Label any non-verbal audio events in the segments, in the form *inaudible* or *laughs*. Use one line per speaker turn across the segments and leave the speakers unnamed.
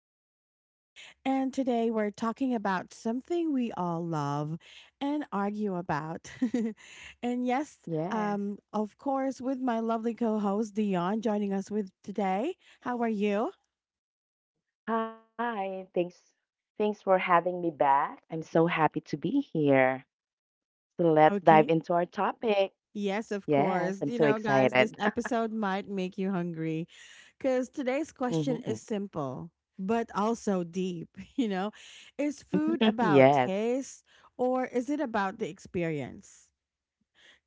host, Nika, and today we're talking about something we all love and argue about. *laughs* and yes,
Yes.
um, of course, with my lovely co host, Dion, joining us with today. How are you?
Hi, thanks for having me back. I'm so happy to be here. So let's dive into
Okay.
our topic.
Yes, of
Yes, I'm so
course. You know,
excited.
guys, this episode might make you hungry because
*laughs*
today's question
hmm
is simple but also deep. *laughs* You know, is
*laughs*
food
Yes.
about taste or is it about the experience?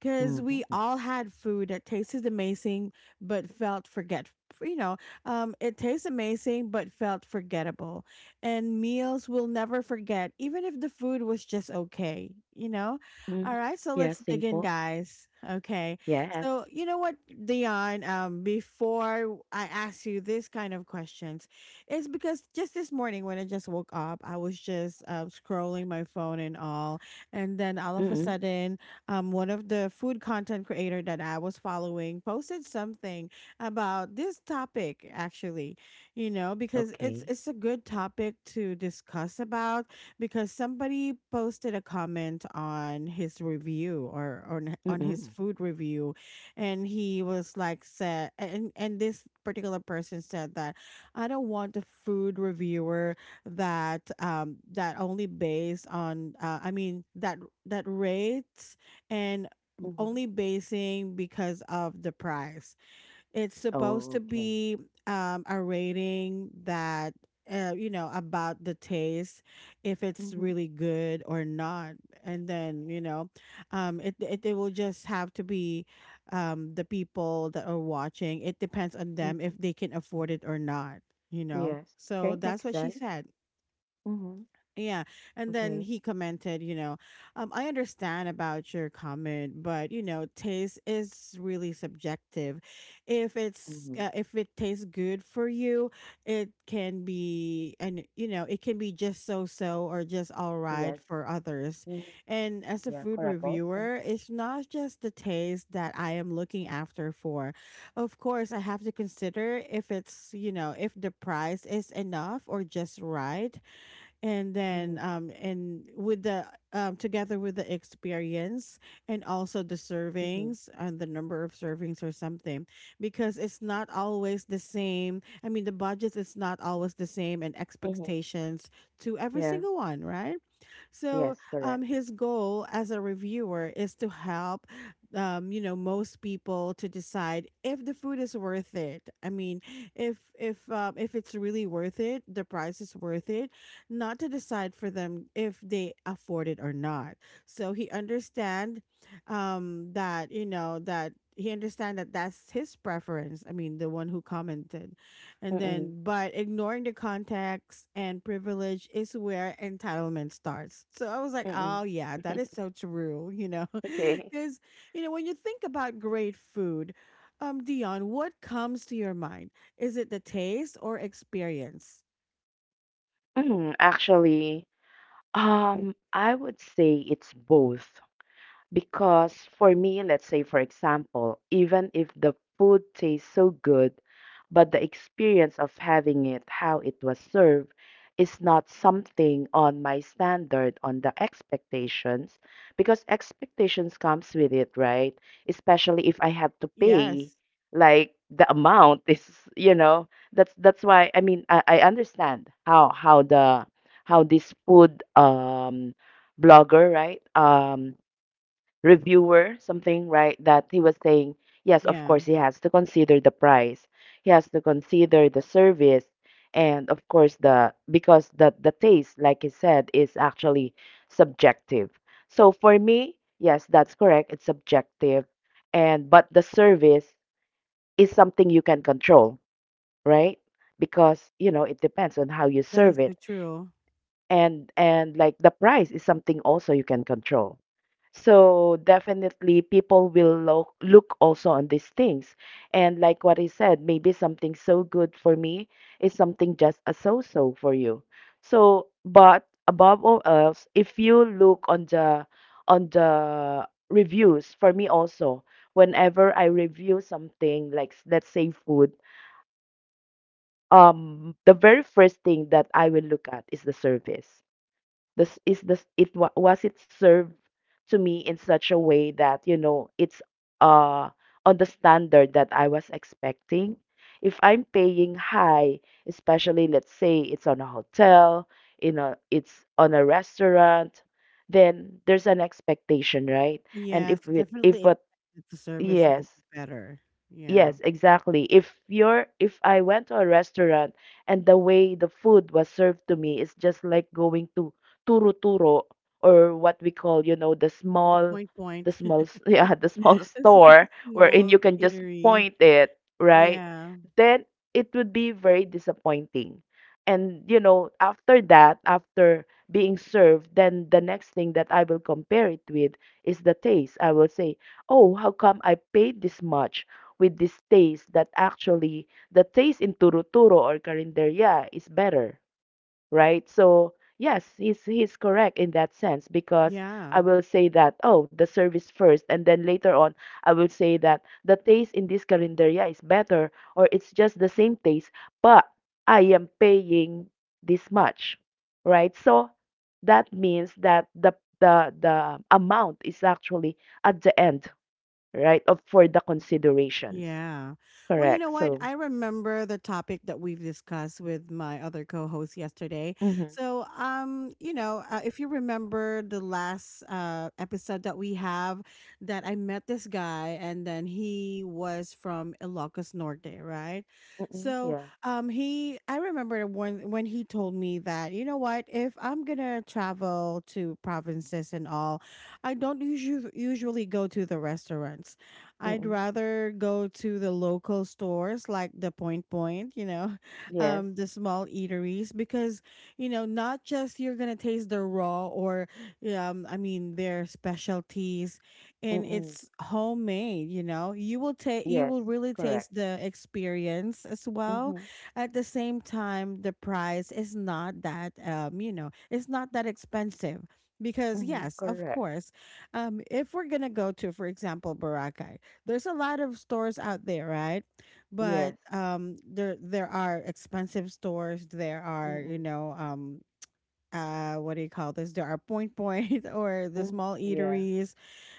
Because we all had food that tasted amazing but felt forget you know it tastes amazing but felt forgettable, and meals we'll never forget even if the food was just okay, you know.
hmm
All right, so
Yeah,
let's dig in,
simple.
guys. Okay,
Yes.
so you know what, Dion, before I ask you this kind of questions, it's because just this morning when I just woke up, I was just scrolling my phone and all, and then all of a
Mm-mm.
sudden, one of the food content creator that I was following posted something about this topic actually. You know, because it's
Okay.
it's a good topic to discuss about, because somebody posted a comment on his review or on his
Mm-mm.
food review. And he was like said and this particular person said that, "I don't want a food reviewer that only based on I mean that that rates and
hmm
only basing because of the price. It's supposed to
Okay.
be a rating that, you know, about the taste, if it's
hmm
really good or not, and then you know, it will just have to be, the people that are watching. It depends on them if
hmm
they can afford it or not." You know,
Yes.
so
Okay,
that's
makes
what she
sense.
said.
Hmm
Yeah. And then
Okay.
he commented, you know, "I understand about your comment, but you know, taste is really subjective. If it's
hmm
if it tastes good for you, it can be, and you know, it can be just so-so or just all right
Yes.
for others.
hmm
And as a
Yeah,
food
correct also.
reviewer, it's not just the taste that I am looking after for. Of course, I have to consider if it's, you know, if the price is enough or just right, and
Hmm
then and with the together with the experience, and also the
hmm
servings and the number of servings or something, because it's not always the same. I mean, the budget is not always the same and
hmm
expectations to every
Yeah.
single one, right? So
Yes, correct.
his goal as a reviewer is to help, you know, most people to decide if the food is worth it. I mean, if it's really worth it, the price is worth it. Not to decide for them if they afford it or not." So he understand, that you know that. He understand that that's his preference. I mean, the one who commented, and
Mm-mm.
then, but ignoring the context and privilege is where entitlement starts. So I was like, oh
Mm-mm.
yeah,
*laughs*
that is so true, you know? *laughs*
Okay.
Because, you know, when you think about great food, Dion, what comes to your mind? Is it the taste or experience?
Actually, I would say it's both. Because for me, let's say for example, even if the food tastes so good, but the experience of having it, how it was served, is not something on my standard, on the expectations, because expectations comes with it, right? Especially if I have to pay,
Yes.
like the amount is, you know, that's why I mean I understand how the how this food blogger, right? Reviewer something right that he was saying, yes, of
Yeah,
course he has to consider the price, he has to consider the service, and of course the because the taste like he said is actually subjective. So for me yes that's correct, it's subjective. And but the service is something you can control, right? Because you know it depends on how you
that is
serve it.
so true.
And like the price is something also you can control, so definitely people will look also on these things. And like what I said, maybe something so good for me is something just a so-so for you. So, but above all else, if you look on the reviews for me also, whenever I review something like let's say food, the very first thing that I will look at is the service. This is this was it served to me in such a way that you know it's uh on the standard that I was expecting. If I'm paying high, especially let's say it's on a hotel, in a it's on a restaurant, then there's an expectation, right? And
Yes,
if
so
we if
definitely
what
expect that the service will
yes,
be better. Yeah.
yes, exactly. If you're if I went to a restaurant and the way the food was served to me is just like going to turo-turo, or what we call, you know, the
The
small
point point.
*laughs* yeah,
*laughs*
the small
It's a
store wherein you
small
can just
eatery.
point it, right?
Yeah.
Then it would be very disappointing. And you know, after that, after being served, then the next thing that I will compare it with is the taste. I will say, "Oh, how come I paid this much?" with this taste that actually the taste in turuturo or carinderia is better, right? So yes, he's correct in that sense because
Yeah.
I will say that, oh, the service first, and then later on I will say that the taste in this carinderia is better or it's just the same taste, but I am paying this much, right? So that means that the amount is actually at the end right of for the considerations.
Yeah. Well, you know
Correct.
what?
So,
I remember the topic that we've discussed with my other co-host yesterday.
mhm.
So, you know, if you remember the last episode that we have, that I met this guy and then he was from Ilocos Norte, right?
Mm-mm.
So,
Yeah.
he I remember when he told me that, you know what, "If I'm going to travel to provinces and all, I don't usually go to the restaurants. I'd
Mm-mm.
rather go to the local stores like the Point Point, you know, *laughs*
Yes.
the small eateries, because you know, not just you're gonna taste the raw or yeah, I mean their specialties, and
Mm-mm.
it's homemade. You know, you will
Yes.
really
Correct.
taste the experience as well.
Mhm.
At the same time, the price is not that, you know, it's not that expensive." Because
Mhm.
yes, of
Correct.
course, if we're gonna go to, for example, Boracay, there's a lot of stores out there, right?
Yes.
But there are expensive stores. There are,
Mm-mm.
you know, what do you call this, there are point point *laughs* or the
Mm.
small
Yeah.
eateries,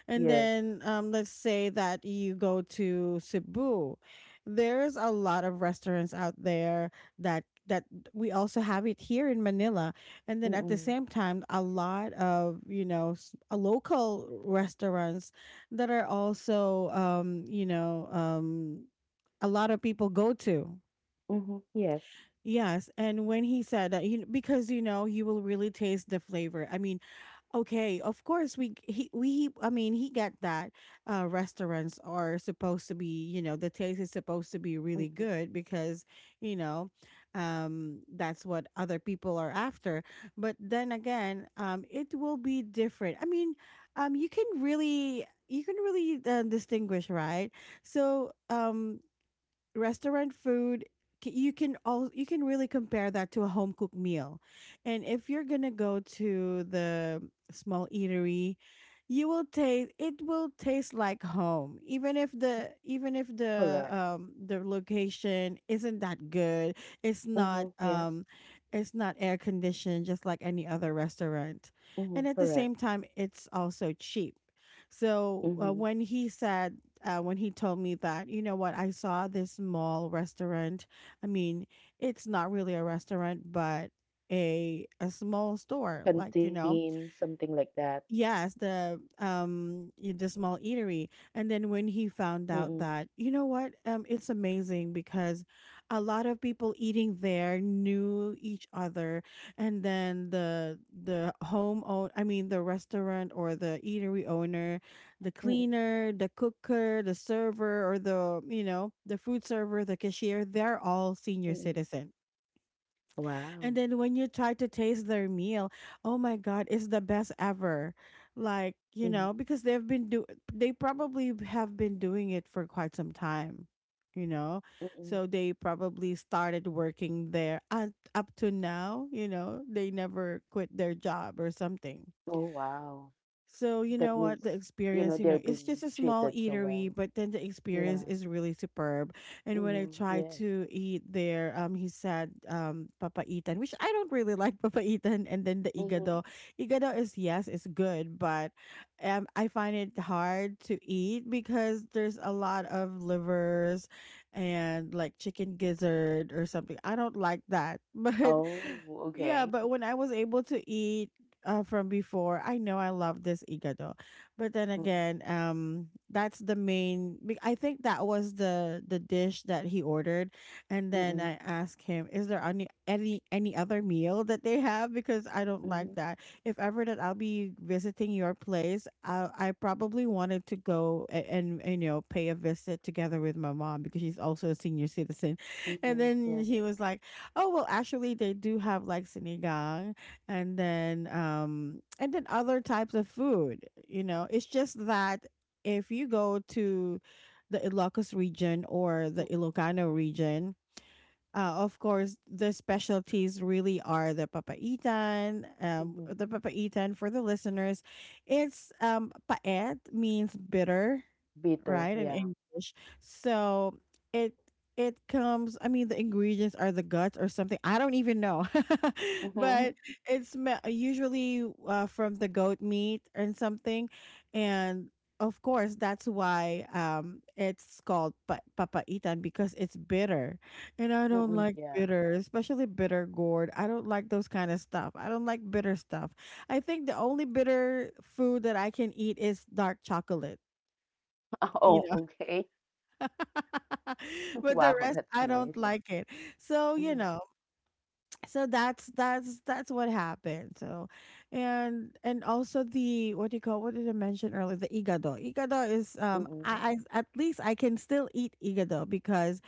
and
Yes.
then, let's say that you go to Cebu, there's a lot of restaurants out there that we also have it here in Manila, and then at the
Mm-mm.
same time a lot of, you know, local restaurants that are also, you know, a lot of people go to.
Mhm. Yes.
Yes, and when he said that, you, because you know, you will really taste the flavor. I mean, okay, of course we he we I mean he get that, restaurants are supposed to be, you know, the taste is supposed to be really
Mhm.
good because, you know, that's what other people are after. But then again, it will be different. I mean, um, you can really distinguish, right? So restaurant food, you can really compare that to a home cooked meal, and if you're gonna go to the small eatery, you will taste it will taste like home, even if the even if
Correct.
the um the location isn't that good. it's
Mhm.
not
Yes.
um it's not air conditioned, just like any other restaurant,
Mhm.
and at the
Correct.
same time it's also cheap. So
Mhm.
when he told me that, "You know what, I saw this mall restaurant." I mean, it's not really a restaurant, but a small store, like, you
Canteen,
know,
something like that.
yes, the the small eatery. And then when he found
Mm-mm.
out that, you know what? It's amazing, because a lot of people eating there knew each other, and then the home own I mean the restaurant or the eatery owner, the
Mm-mm.
cleaner, the cooker, the server or the, you know, the food server, the cashier, they're all senior
Mm-mm.
citizens.
Wow.
And then when you try to taste their meal, oh my god, it's the best ever. Like, you
Mhm.
know, because they probably have been doing it for quite some time, you know.
Mm-mm.
So they probably started working there and up to now, you know, they never quit their job or something.
Oh, wow.
So, you
That
know
means,
what, the
you know,
experience, you
they're
know, it's
being
just a
treated
small
so well.
eatery, but then the
Yeah.
experience is really superb. And when I
Mhm.
tried
Yes.
to eat there, he said papaitan, which I don't really *laughs* like papaitan, and then the
Mhm.
igado. Igado is, yes, it's good, but I find it hard to eat because there's a lot of livers and like chicken gizzard or something. I don't like that, *laughs* but.
Oh, okay.
Yeah, but when I was able to eat, from before, I know I love this igado, but then
Mm,
again, that's the main. Be- I think that was the dish that he ordered, and then
mm,
I asked him, "Is there any any other meal that they have?" Because I don't
mhm,
like that. If ever that I'll be visiting your place, I probably wanted to go and you know, pay a visit together with my mom, because she's also a senior citizen. *laughs* And
mhm,
then
yeah.
he was like, "Oh well, actually they do have like sinigang." And then other types of food, you know, it's just that if you go to the Ilocos region or
Mm,
the Ilocano region, of course the specialties really are the papaitan. um
mhm.
the papaitan, for the listeners, it's, paet means bitter,
Bitter,
right? In
yeah.
English. So it it comes, I mean, the ingredients are the guts or something. I don't even know. *laughs* But
Mhm,
it's usually from the goat meat and something. And of course, that's why, it's called papaitan, because it's bitter. And I don't
mm,
like
yeah.
bitter, especially bitter gourd. I don't like those kind of stuff. I don't like bitter stuff. I think the only bitter food that I can eat is dark chocolate.
*laughs*
You
Oh, okay.
*laughs*
*laughs*
but the
Wow,
rest
that's
I
nice.
don't like it. So, you
Mhm,
know, so that's what happened. So and also the, what do you call, what did I mention earlier? The igado. Igado is, um
mm,
I, I at least I can still eat igado because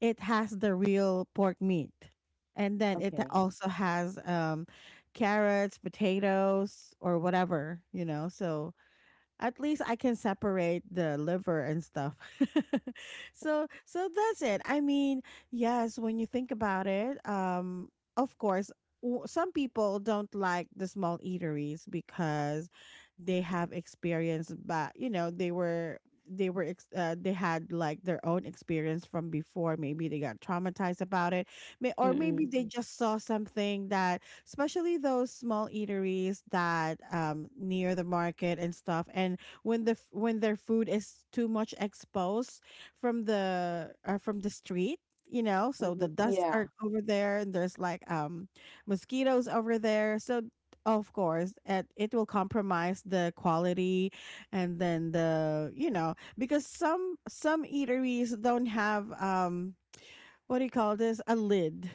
it has the real pork meat. And then it
okay.
also has, carrots, potatoes or whatever, you know. So at least I can separate the liver and stuff. *laughs* So that's it. I mean, yes, when you think about it, of course, some people don't like the small eateries because they have experience, but you know they were they had like their own experience from before. Maybe they got traumatized about it. Or maybe
Mm,
they just saw something, that especially those small eateries that near the market and stuff, and when when their food is too much exposed from the street, you know, so the
mhm,
dusts are
yeah.
over there and there's like mosquitoes over there. So of course it will compromise the quality. And then the you know because some eateries don't have, um, what do you call this, a lid,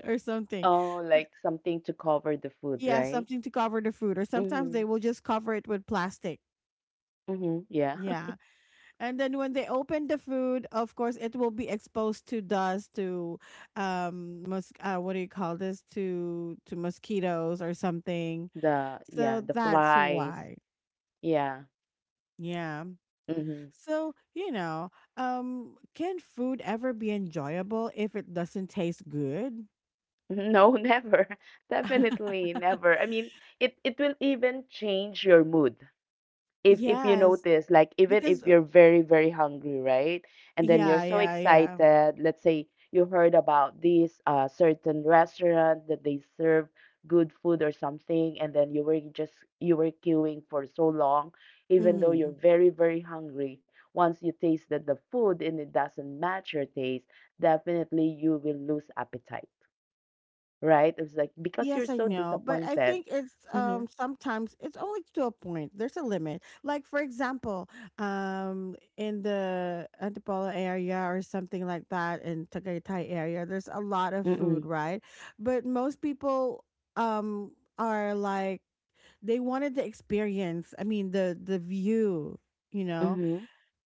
*laughs* or something.
Oh, like something to cover the food,
Yeah,
right?
something to cover the food, or sometimes
Mhm,
they will just cover it with plastic.
mhm, yeah.
Yeah.
*laughs*
And then when they open the food, of course, it will be exposed to dust, to, what do you call this? To mosquitoes or something.
The,
So
yeah, the
that's
flies.
why.
Yeah.
Yeah.
Mhm.
So, you know, can food ever be enjoyable if it doesn't taste good?
*laughs* No, never. *laughs*
*laughs*
Definitely never. I mean, it will even change your mood if you
Yes.
notice, like, even if
Because
you're very hungry, right? And then you're
yeah,
so
yeah, yeah.
excited, let's say you heard about this certain restaurant that they serve good food or something, and then you were just, you were queuing for so long even though
Mm-hmm.
you're very hungry. Once you tasted the food and it doesn't match your taste, definitely you will lose appetite, right? It's like because you're
Yes, I
so
know, but I
disappointed.
think it's
Mm-hmm
um sometimes it's only to a point. There's a limit. Like for example, in the Antipolo area or something like that, in Tagaytay area, there's a lot of
mm-mm
food, right? But most people, um are like, they wanted the experience. I mean the view, you know.
mm-hmm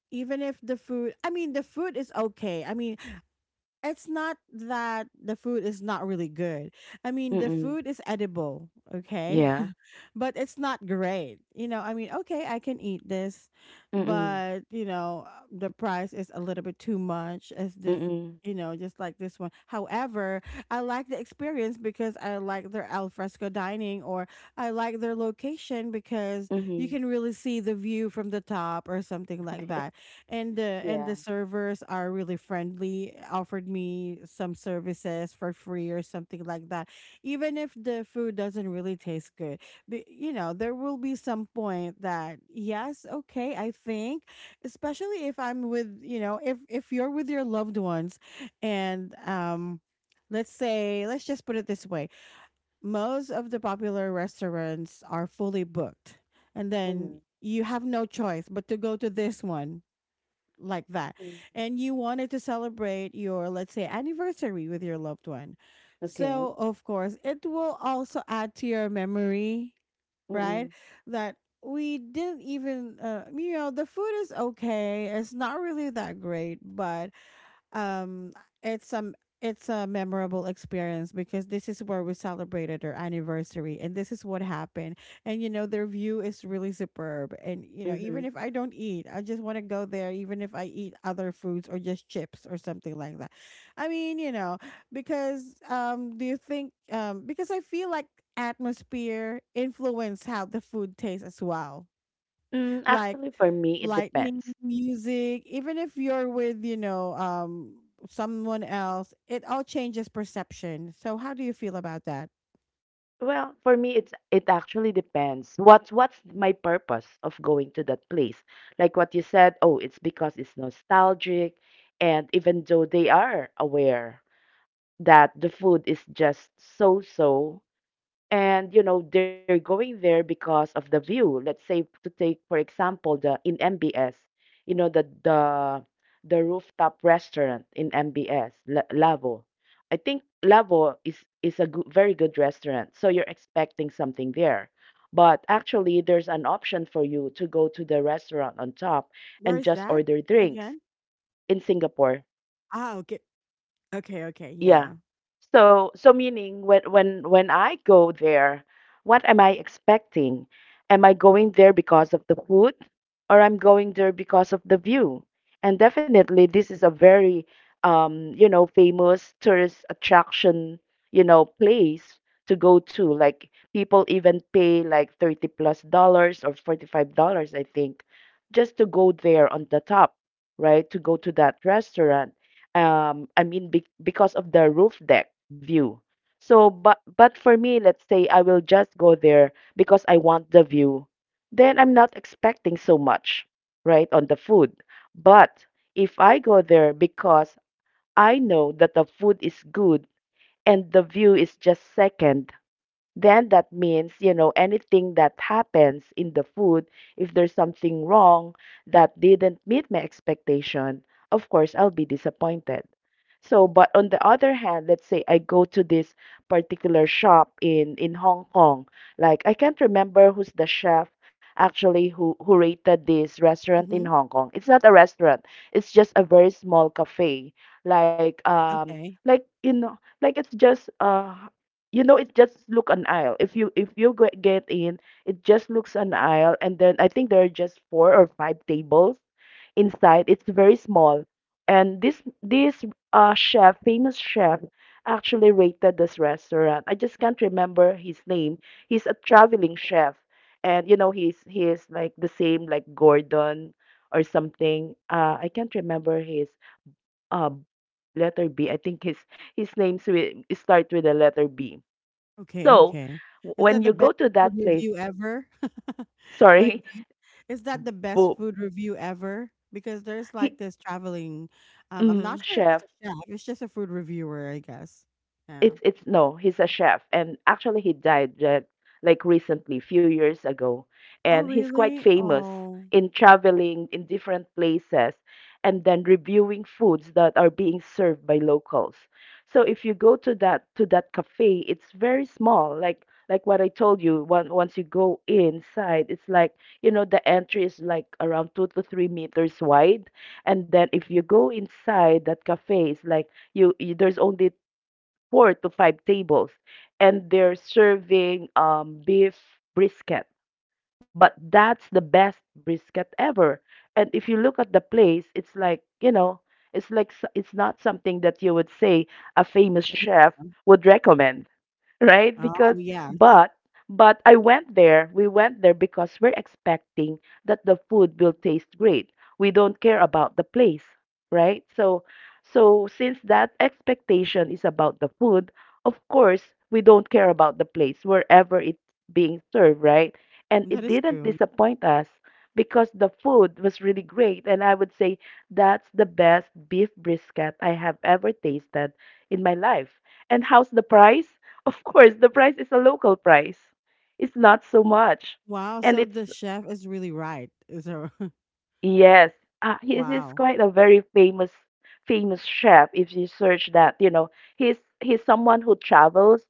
Even if the food, I mean the food is okay. I mean, it's not that the food is not really good. I mean, the
mm-mm
food is edible, okay?
yeah
*laughs* But it's not great. You know, I mean, okay, I can eat this,
mm-mm
but you know, the price is a little bit too much as this,
Mm,
you know, just like this one. However, I like the experience because I like their al fresco dining, or I like their location because you
mhm.
can really see the view from the top or something like that. And the and
Yeah.
the servers are really friendly, offered me some services for free or something like that, even if the food doesn't really taste good. But you know, there will be some point that yes, okay, I think, especially if I'm with, if you're with your loved ones, and let's say, let's just put it this way, most of the popular restaurants are fully booked, and then
Mhm.
you have no choice but to go to this one, like that.
Mhm.
And you wanted to celebrate your, let's say, anniversary with your loved one.
Okay.
So of course it will also add to your memory, right?
Mm.
That we didn't even you know, the food is okay, it's not really that great, but um it's um, it's a memorable experience because this is where we celebrated our anniversary and this is what happened. And you know, their view is really superb, and you know,
Mhm.
even if I don't eat, I just want to go there, even if I eat other foods or just chips or something like that. I mean, you know, because do you think, because I feel like atmosphere influence how the food tastes as well,
Mm,
like
actually, for me, it
lightning,
depends.
music, even if you're with, you know, someone else, it all changes perception. So how do you feel about that?
Well, for me, it's it actually depends. What's my purpose of going to that place? Like what you said, oh, it's because it's nostalgic, and even though they are aware that the food is just so-so, and you know they're going there because of the view, let's say to take for example the in MBS, you know, the the rooftop restaurant in MBS, Lavo. I think Lavo is a good, very good restaurant, so you're expecting something there, but actually there's an option for you to go to the restaurant on top
Where
and
is
just
that
order drinks
again?
in Singapore,
Ah, okay. Okay, okay,
yeah.
yeah.
So so meaning when I go there, what am I expecting? Am I going there because of the food, or I'm going there because of the view? And definitely this is a very you know, famous tourist attraction, you know, place to go to. Like people even pay like 30 plus dollars or $45, I think, just to go there on the top, right? To go to that restaurant, I mean because of the roof deck view. So but for me, let's say I will just go there because I want the view, then I'm not expecting so much right on the food. But if I go there because I know that the food is good and the view is just second, then that means, you know, anything that happens in the food, if there's something wrong that didn't meet my expectation, of course I'll be disappointed. So but on the other hand, let's say I go to this particular shop in Hong Kong, like I can't remember who's the chef actually who rated this restaurant in
Mm-hmm.
Hong Kong. It's not a restaurant, it's just a very small cafe, like um
Okay,
like you know, like it's just you know, it just look an aisle, if you get in, it just looks an aisle. And then I think there are just four or five tables inside, it's very small. And this chef, famous chef, actually rated this restaurant. I just can't remember his name. He's a traveling chef, and you know he's like the same like Gordon or something, I can't remember his uh letter B, I think, his names will start with the letter B.
okay,
So
okay.
w-
Is that
when
the
you
best
go to that
food
place,
review ever? *laughs* Like
sorry,
that? Is that the
*laughs*
best
Bo,
food review ever, because there's like
he,
this traveling, I'm not
mm,
sure if it's
chef,
a chef, it's just a food reviewer, I guess. Yeah.
it's no, he's a chef, and actually he died that like recently, few years ago,
Oh,
and he's quite
really?
famous
Oh,
in traveling in different places and then reviewing foods that are being served by locals. So if you go to that cafe, it's very small, like what I told you. Once you go inside, it's like, you know, the entry is like around 2 to 3 meters wide, and then if you go inside that cafe, it's like you there's only four to five tables, and they're serving beef brisket. But that's the best brisket ever. And if you look at the place, it's like, you know, it's like it's not something that you would say a famous chef
yeah.
would recommend, right?
Oh,
Because
yes.
but but I went there. We went there because we're expecting that the food will taste great. We don't care about the place, right? So so since that expectation is about the food, of course we don't care about the place wherever it's being served, right? And
That
it
is
didn't
true.
disappoint us because the food was really great, and I would say that's the best beef brisket I have ever tasted in my life. And how's the price? Of course, the price is a local price. It's not so much.
Wow.
And
So the
it's,
chef is really right. Is there? *laughs*
yes, he is he's
Wow.
quite a very famous, famous chef, if you search that, you know. He's he's someone who travels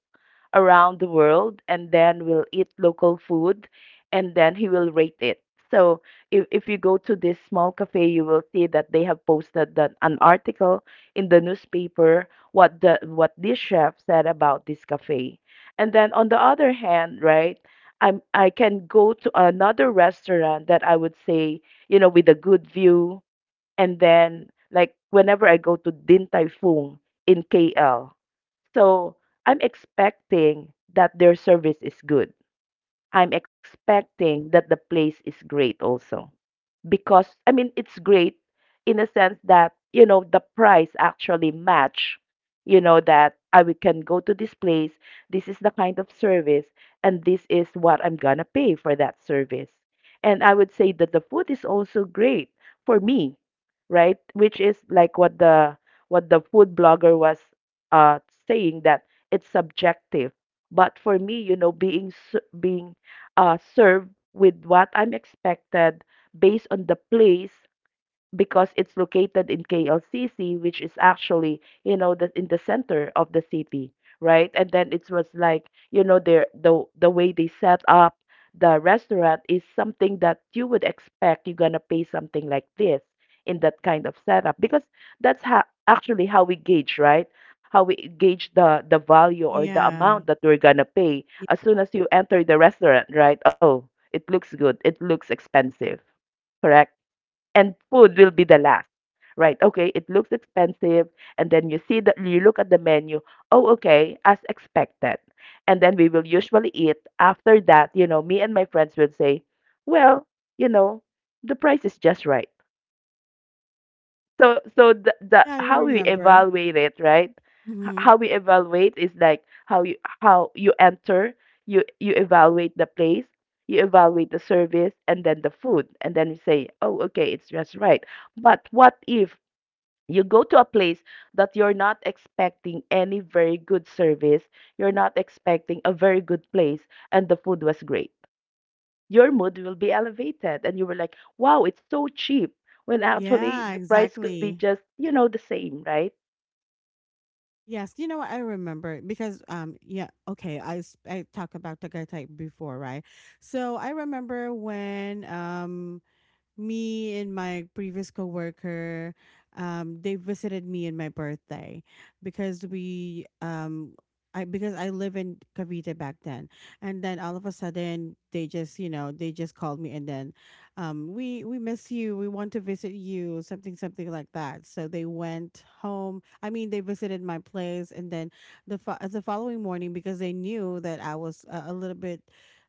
around the world and then will eat local food, and then he will rate it. So if you go to this small cafe, you will see that they have posted that an article in the newspaper what the what this chef said about this cafe. And then on the other hand, right, I'm I can go to another restaurant that I would say, you know, with a good view. And then like whenever I go to Din Tai Fung in KL, so I'm expecting that their service is good. I'm expecting that the place is great also because I mean it's great in a sense that you know the price actually match you know that I we can go to this place. This is the kind of service and this is what I'm gonna pay for that service. And I would say that the food is also great for me, right, which is like what the food blogger was uh saying that it's subjective. But for me, you know, being served with what I'm expected based on the place, because it's located in KLCC, which is actually, you know, in the center of the city, right? And then it was like, you know, their the way they set up the restaurant is something that you would expect you're gonna pay something like this in that kind of setup. Because that's how actually how we gauge, right? How we gauge the value or the
Yeah.
amount that we're gonna pay as soon as you enter the restaurant, right? Oh, it looks good. It looks expensive, correct? And food will be the last. Right, okay, it looks expensive, and then you see that you look at the menu. Oh, okay, as expected. And then we will usually eat. After that, you know, me and my friends will say, well, you know, the price is just right. So, so the
Yeah, I
how we
remember.
evaluate it, right?
Hmm.
How we evaluate is like how you enter, you evaluate the place, you evaluate the service, and then the food, and then you say, oh, okay, it's just right. But what if you go to a place that you're not expecting any very good service, you're not expecting a very good place, and the food was great? Your mood will be elevated and you were like, wow, it's so cheap, when actually
Yeah,
the price could be
exactly.
just, you know, the same, right?
Yes, you know what? I remember it because yeah, okay, I talked about Tagaytay before, right? So I remember when me and my previous coworker, they visited me in my birthday because we I, because I live in Cavite back then. And then all of a sudden they just, you know, they just called me, and then, we miss you, we want to visit you, something something like that. So they went home. I mean, they visited my place. And then the following morning, because they knew that I was a little bit,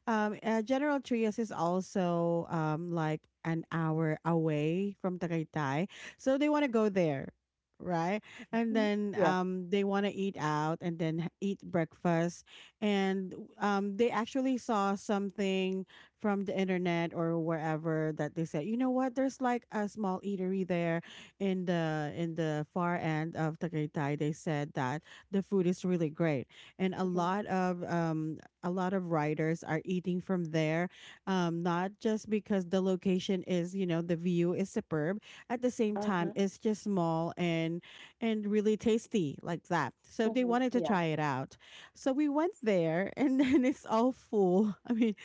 General Trias is also like an hour away from Tagaytay, so they want to go there, right? And
Mhm.
then
Yeah.
they want to eat out and then eat breakfast. And they actually saw something from the internet or wherever, that they said, you know what, there's like a small eatery there, in the far end of Tagaytay. They said that the food is really great, and
Mhm.
a lot of riders are eating from there, not just because the location is, you know, the view is superb. At the same time,
Uh-huh.
it's just small and really tasty, like that. So they
Mhm,
wanted to
yeah,
try it out. So we went there, and *laughs* then it's all full. I mean,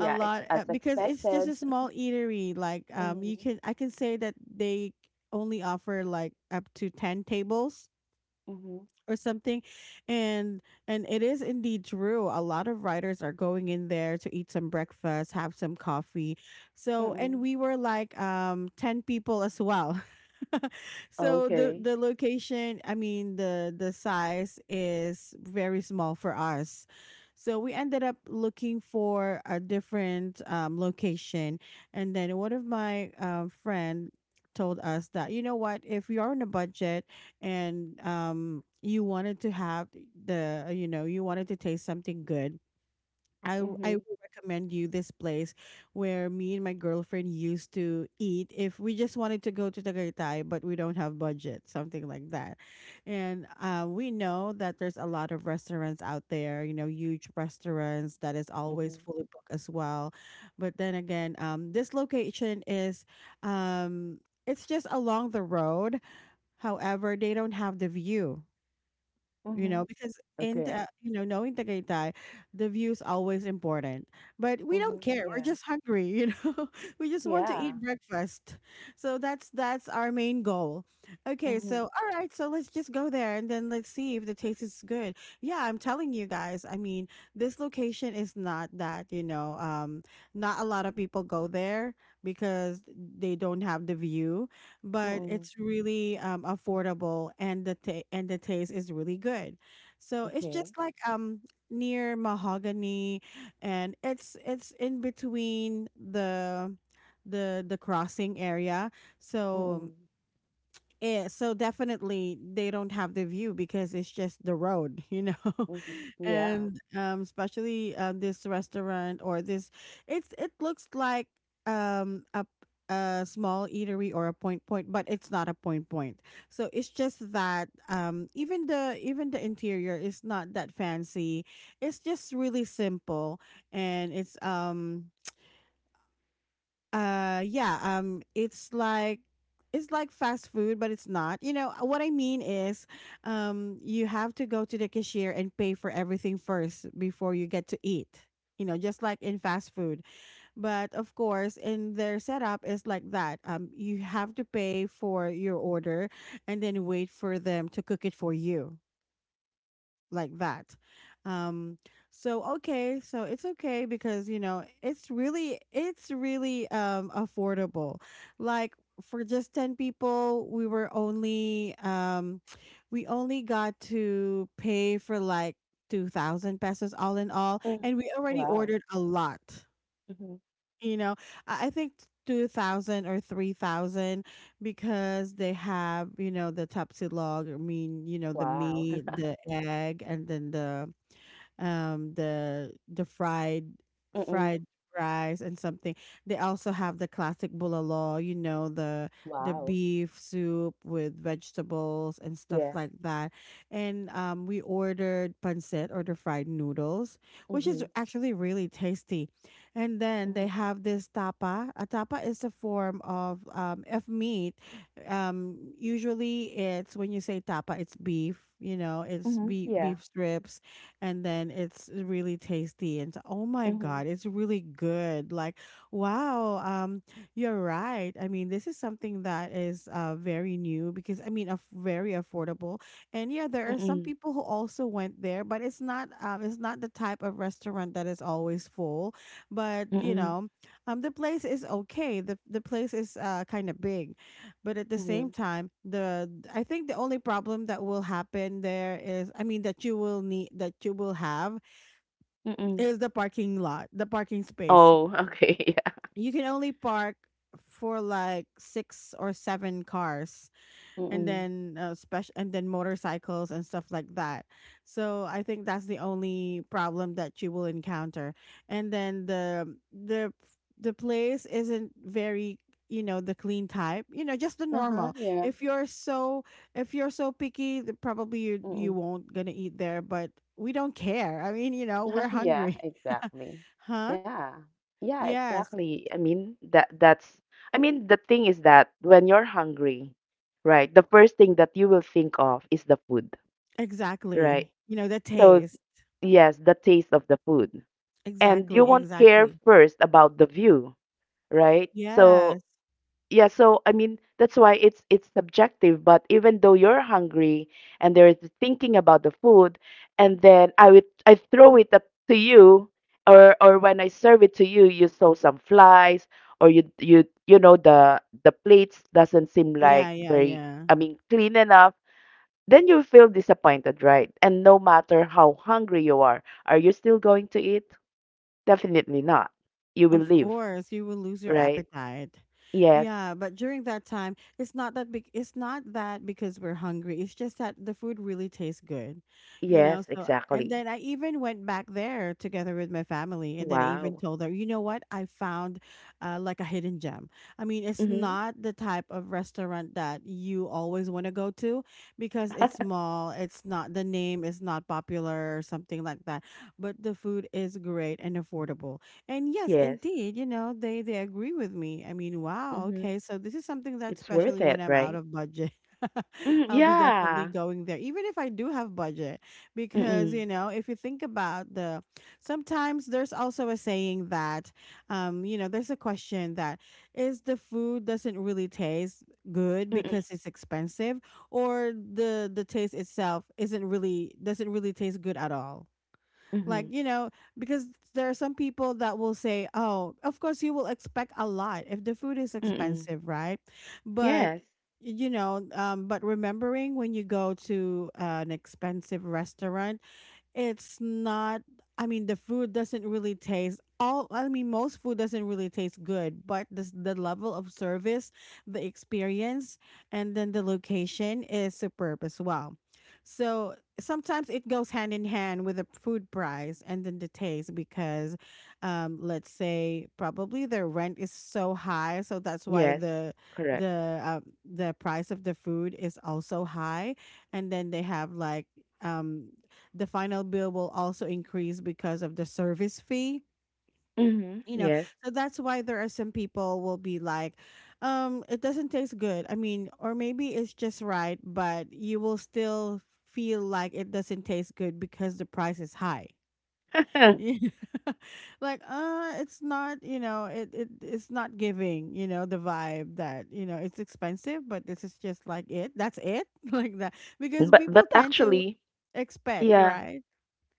a
ex
lot,
as
because it's just
expected.
a small eatery. Like, you
Mhm,
can, I can say that they only offer like up to 10 tables
mhm,
or something. and and it is indeed true, a lot of writers are going in there to eat some breakfast, have some coffee. So and
mhm.
we were like 10 people as well. *laughs* So the
Okay.
the location, I mean the size is very small for us. So we ended up looking for a different, location. And then one of my, friend told us that, you know what, if you're on a budget and you wanted to have the you know you wanted to taste something good, I
Mhm,
will recommend you this place where me and my girlfriend used to eat if we just wanted to go to Tagaytay but we don't have budget, something like that. And we know that there's a lot of restaurants out there, you know, huge restaurants that is always
mhm,
fully booked as well. But then again, this location is, um it's just along the road. However, they don't have the view, you know,
mhm.
because in
Okay.
the, you know, knowing Tagaytay, the view is always important. But we don't
Mhm,
care. We're
yeah,
just hungry, you know. *laughs* We just want to
yeah.
eat breakfast. So that's our main goal. Okay, so
Mhm,
all right, so let's just go there and then let's see if the taste is good. Yeah, I'm telling you guys. I mean, this location is not that, you know, not a lot of people go there because they don't have the view, but
mhm.
it's really, affordable and and the taste is really good. So it's
Okay.
just like near Mahogany, and it's in between the crossing area. So
Mhm,
yeah, so definitely they don't have the view because it's just the road, you know,
mhm.
*laughs*
Yeah.
and especially this restaurant or this, it's it looks like um a a small eatery or a point point, but it's not a point point. So it's just that even the interior is not that fancy. It's just really simple. And it's yeah, it's like, it's like fast food but it's not. You know, what I mean is, you have to go to the cashier and pay for everything first before you get to eat. You know, just like in fast food. But of course, in their setup is like that. Um, you have to pay for your order and then wait for them to cook it for you, like that. Um, so okay, so it's okay, because you know it's really, it's really, affordable. Like, for just 10 people, we were only, we only got to pay for like 2,000 pesos all in all,
Mhm.
and we already
Wow.
ordered a lot.
Mhm.
You know, I think, 2000 or 3000, because they have, you know, the tapsilog, I mean, you know, the
Wow.
meat,
*laughs*
the egg, and then the, the the
Mhm.
fried rice and something. They also have the classic bulalo, you know, the
Wow.
beef soup with vegetables and stuff
Yes.
like that. And we ordered pancit, or the fried noodles, which is
Mhm,
actually really tasty. And
mhm,
then they have this tapa. A tapa is a form of meat. Usually it's when you say tapa, it's beef, you know, it's
mhm. Yeah.
beef strips and then it's really tasty and oh my god,
Mhm,
it's really good, like wow. You're right, I mean this is something that is very new because I mean very affordable. And yeah, there are some
mhm,
people who also went there, but it's not, it's not the type of restaurant that is always full, but you
mhm,
know, the place is okay. The place is kind of big, but at the same
mhm,
time, the I think the only problem that will happen there is, I mean that you will need, that you will have,
mhm.
is the parking lot, the parking space.
Oh, *laughs* okay. Yeah.
You can only park for like 6 or 7 cars and
Mhm.
then special, and then motorcycles and stuff like that. So I think that's the only problem that you will encounter. And then the the place isn't very, you know, the clean type, you know, just the
Uh-huh.
normal.
Yeah.
If you're so, if you're so picky, probably you
Mhm.
won't gonna eat there, but we don't care. I mean, you know, we're
*laughs* Yeah,
hungry.
exactly.
*laughs* Huh?
Yeah. Yeah,
Yes,
exactly. I mean, that that's I mean, the thing is that when you're hungry, right, the first thing that you will think of is the food, right?
exactly, you know, the
So,
taste.
yes, the taste of the food. And you
Exactly,
won't care
exactly.
first about the view, right? So,
Yes.
yeah, so I mean that's why it's subjective. But even though you're hungry and there is thinking about the food, and then I throw it up to you, or when I serve it to you, you saw some flies, or you know the plates doesn't seem like
Yeah, yeah,
very,
yeah.
I mean, clean enough, then you feel disappointed, right? And no matter how hungry you are, you still going to eat? Definitely not. You will
Of
leave,
course, you will lose your
right?
appetite.
Yes,
Yeah, but during that time, it's not that big. It's not that because we're hungry. It's just that the food really tastes good, you
yes,
know. So, and
exactly.
then I even went back there together with my family, and then I even
Wow.
told her, you know what, I found like a hidden gem. I mean, it's
Mhm.
not the type of restaurant that you always want to go to, because it's
*laughs*
small. It's not, the name is not popular or something like that, but the food is great and affordable. And yes,
Yes.
indeed, you know, they agree with me. I mean, wow,
Mhm.
okay, so this is something that,
It's worth
especially
it,
when I'm out
right?
of budget, *laughs*
Mhm,
I'll be definitely
yeah.
going there, even if I do have budget, because
Mm-mm.
you know, if you think about the, sometimes there's also a saying that, you know, there's a question that is the food doesn't really taste good
Mm-mm.
because it's expensive, or the taste itself isn't really, doesn't really taste good at all, like,
Mhm.
you know, because there are some people that will say, oh, of course, you will expect a lot if the food is
Mm-mm.
expensive, right? But,
Yes.
you know, but remembering when you go to an expensive restaurant, it's not, I mean, the food doesn't really taste all, I mean, most food doesn't really taste good, but this, the level of service, the experience, and then the location is superb as well. So sometimes it goes hand in hand with the food price and then the taste, because, let's say probably the rent is so high, so that's why
Yes.
the,
Correct.
the price of the food is also high, and then they have like um the final bill will also increase because of the service fee,
Mhm.
you know.
Yes.
So that's why there are some people will be like, it doesn't taste good, I mean, or maybe it's just right, but you will still feel like it doesn't taste good because the price is high.
*laughs*
*laughs* Like it's not, you know, it, it's not giving, you know, the vibe that, you know, it's expensive, but this is just like it, that's it. *laughs* Like that, because
But
people tend to
actually,
expect,
yeah.
right?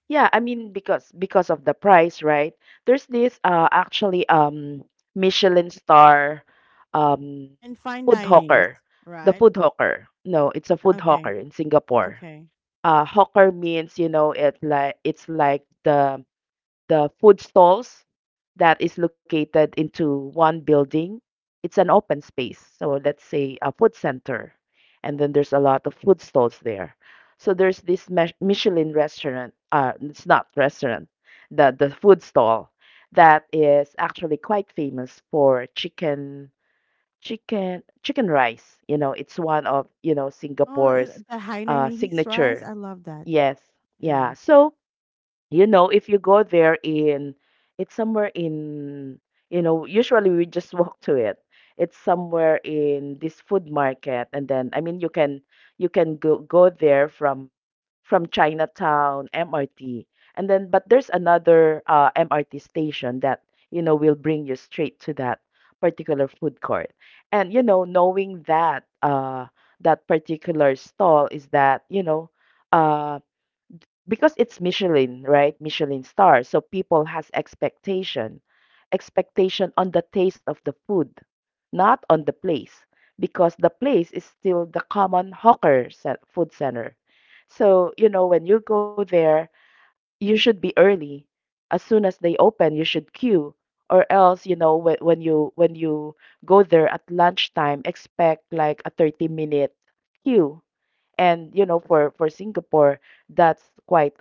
Yeah, I mean, because of the price, right? There's this actually Michelin star um
And fine
food
dinings,
hawker. The
right?
food hawker. No, it's a food hawker
Okay,
in Singapore.
okay.
Hawker means, you know, it like it's like the food stalls that is located into one building. It's an open space. So let's say a food center, and then there's a lot of food stalls there. So there's this Mich- Michelin restaurant. It's not restaurant, the food stall that is actually quite famous for chicken chicken rice. You know, it's one of, you know,
Oh,
Singapore's
the Hainanese rice,
signature.
I love that.
Yes. Yeah.
Yeah,
So, you know, if you go there in, it's somewhere in, you know, usually we just walk to it. It's somewhere in this food market, and then, I mean, you can go there from Chinatown MRT, and then but there's another MRT station that, you know, will bring you straight to that particular food court. And you know, knowing that that particular stall is that, you know, uh because it's Michelin, right? Michelin star. So people has expectation, expectation on the taste of the food, not on the place, because the place is still the common hawker cen- food center. So, you know, when you go there, you should be early. As soon as they open, you should queue. Or else, you know, when you go there at lunchtime, expect like a 30-minute minute queue. And you know, for Singapore, that's quite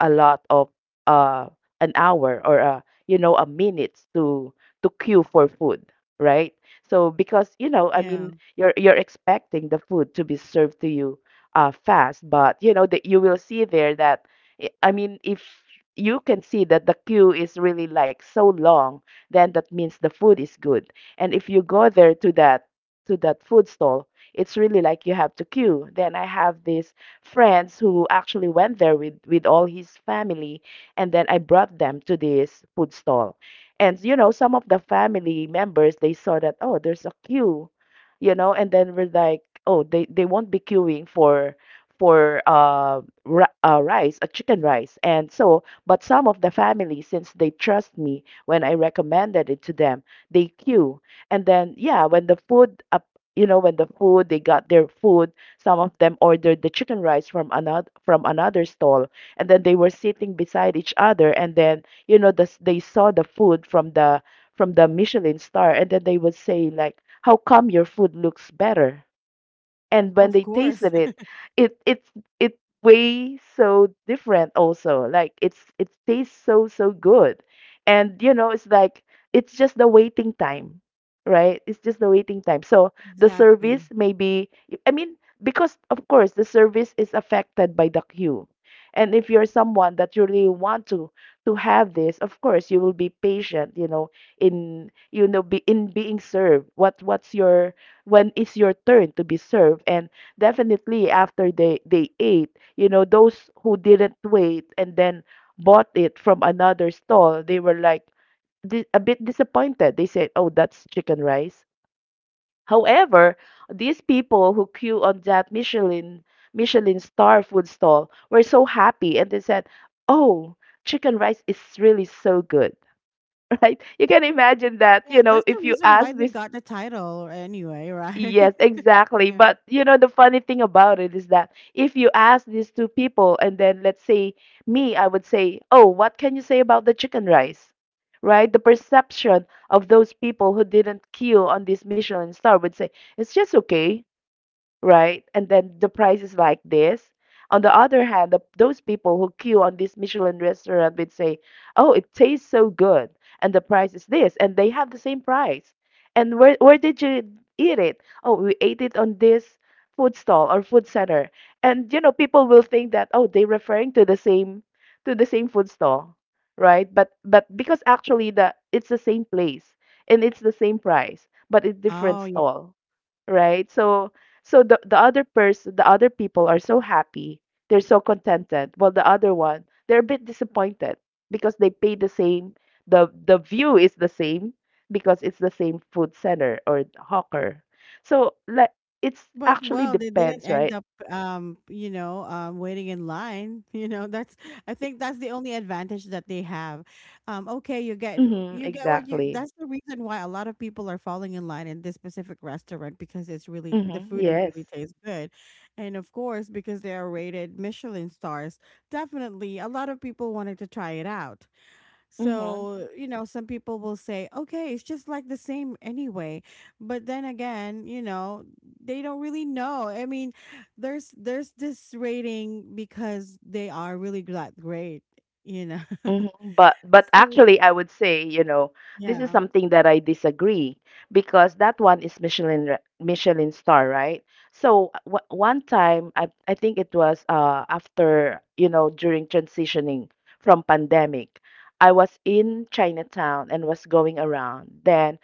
a lot of, uh an hour or, you know, a minutes to queue for food, right? So because, you know, I
yeah,
mean, you're expecting the food to be served to you fast, but you know that you will see there that I mean, if you can see that the queue is really like so long, then that means the food is good. And if you go there to that food stall, it's really like you have to queue. Then I have this friends who actually went there with all his family, and then I brought them to this food stall. And you know, some of the family members, they saw that, oh, there's a queue, you know, and then we're like, oh, they won't be queuing for rice, a chicken rice. And so, but some of the family, since they trust me when I recommended it to them, they queue. And then yeah, when the food up you know, when the food, they got their food, some of them ordered the chicken rice from another stall, and then they were sitting beside each other, and then you know they saw the food from the Michelin star, and then they would say like, "How come your food looks better?" And when
of
they
course,
tasted it,
*laughs*
it it's it way so different also, like it's it tastes so so good. And you know, it's like it's just the waiting time, right? It's just the waiting time. So the
exactly.
service maybe, I mean, because of course the service is affected by the queue. And if you're someone that you really want to have this, of course you will be patient, you know, in you know, be in being served what what's your when it's your turn to be served. And definitely after they ate, you know, those who didn't wait and then bought it from another stall, they were like, di- a bit disappointed. They said, oh, that's chicken rice. However, these people who queue on that Michelin star food stall were so happy, and they said, oh, chicken rice is really so good. *laughs* Right, you can imagine that,
Yeah,
you know,
that's the
if you
reason why
ask
they
this.
got the title anyway, right?
Yes,
*laughs*
exactly.
Yeah.
But you know, the funny thing about it is that if you ask these two people, and then let's say me, I would say, oh, what can you say about the chicken rice? Right? The perception of those people who didn't queue on this Michelin star would say, it's just okay, right? And then the price is like this. On the other hand, those people who queue on this Michelin restaurant would say, "Oh, it tastes so good," and the price is this, and they have the same price. And where did you eat it? Oh, we ate it on this food stall or food center. And you know, people will think that, oh, they're referring to the same food stall, right? But because actually the it's the same place and it's the same price, but it's different
Oh.
stall, right? So the other person, the other people are so happy, they're so contented. While the other one, they're a bit disappointed because they pay the same. The view is the same because it's the same food center or hawker. So like it's
But
actually
well, they didn't
depends, right?
end up, you know, waiting in line. *laughs* You know, that's, I think that's the only advantage that they have. Okay, you get,
Mm-hmm,
you get what
exactly.
you. That's the reason why a lot of people are falling in line in this specific restaurant, because it's really
Mm-hmm,
the food. It
yes.
really tastes good, and of course because they are rated Michelin stars. Definitely, a lot of people wanted to try it out.
Mm-hmm.
So, you know, some people will say, okay, it's just like the same anyway. But then again, you know, they don't really know. I mean, there's this rating because they are really that great, you know.
Mhm.
*laughs*
But
So
actually, I would say, you know, this is
yeah.
something that I disagree, because that one is Michelin re- Michelin star, right? So w one time, I think it was after, you know, during transitioning from pandemic, I was in Chinatown and was going around. Then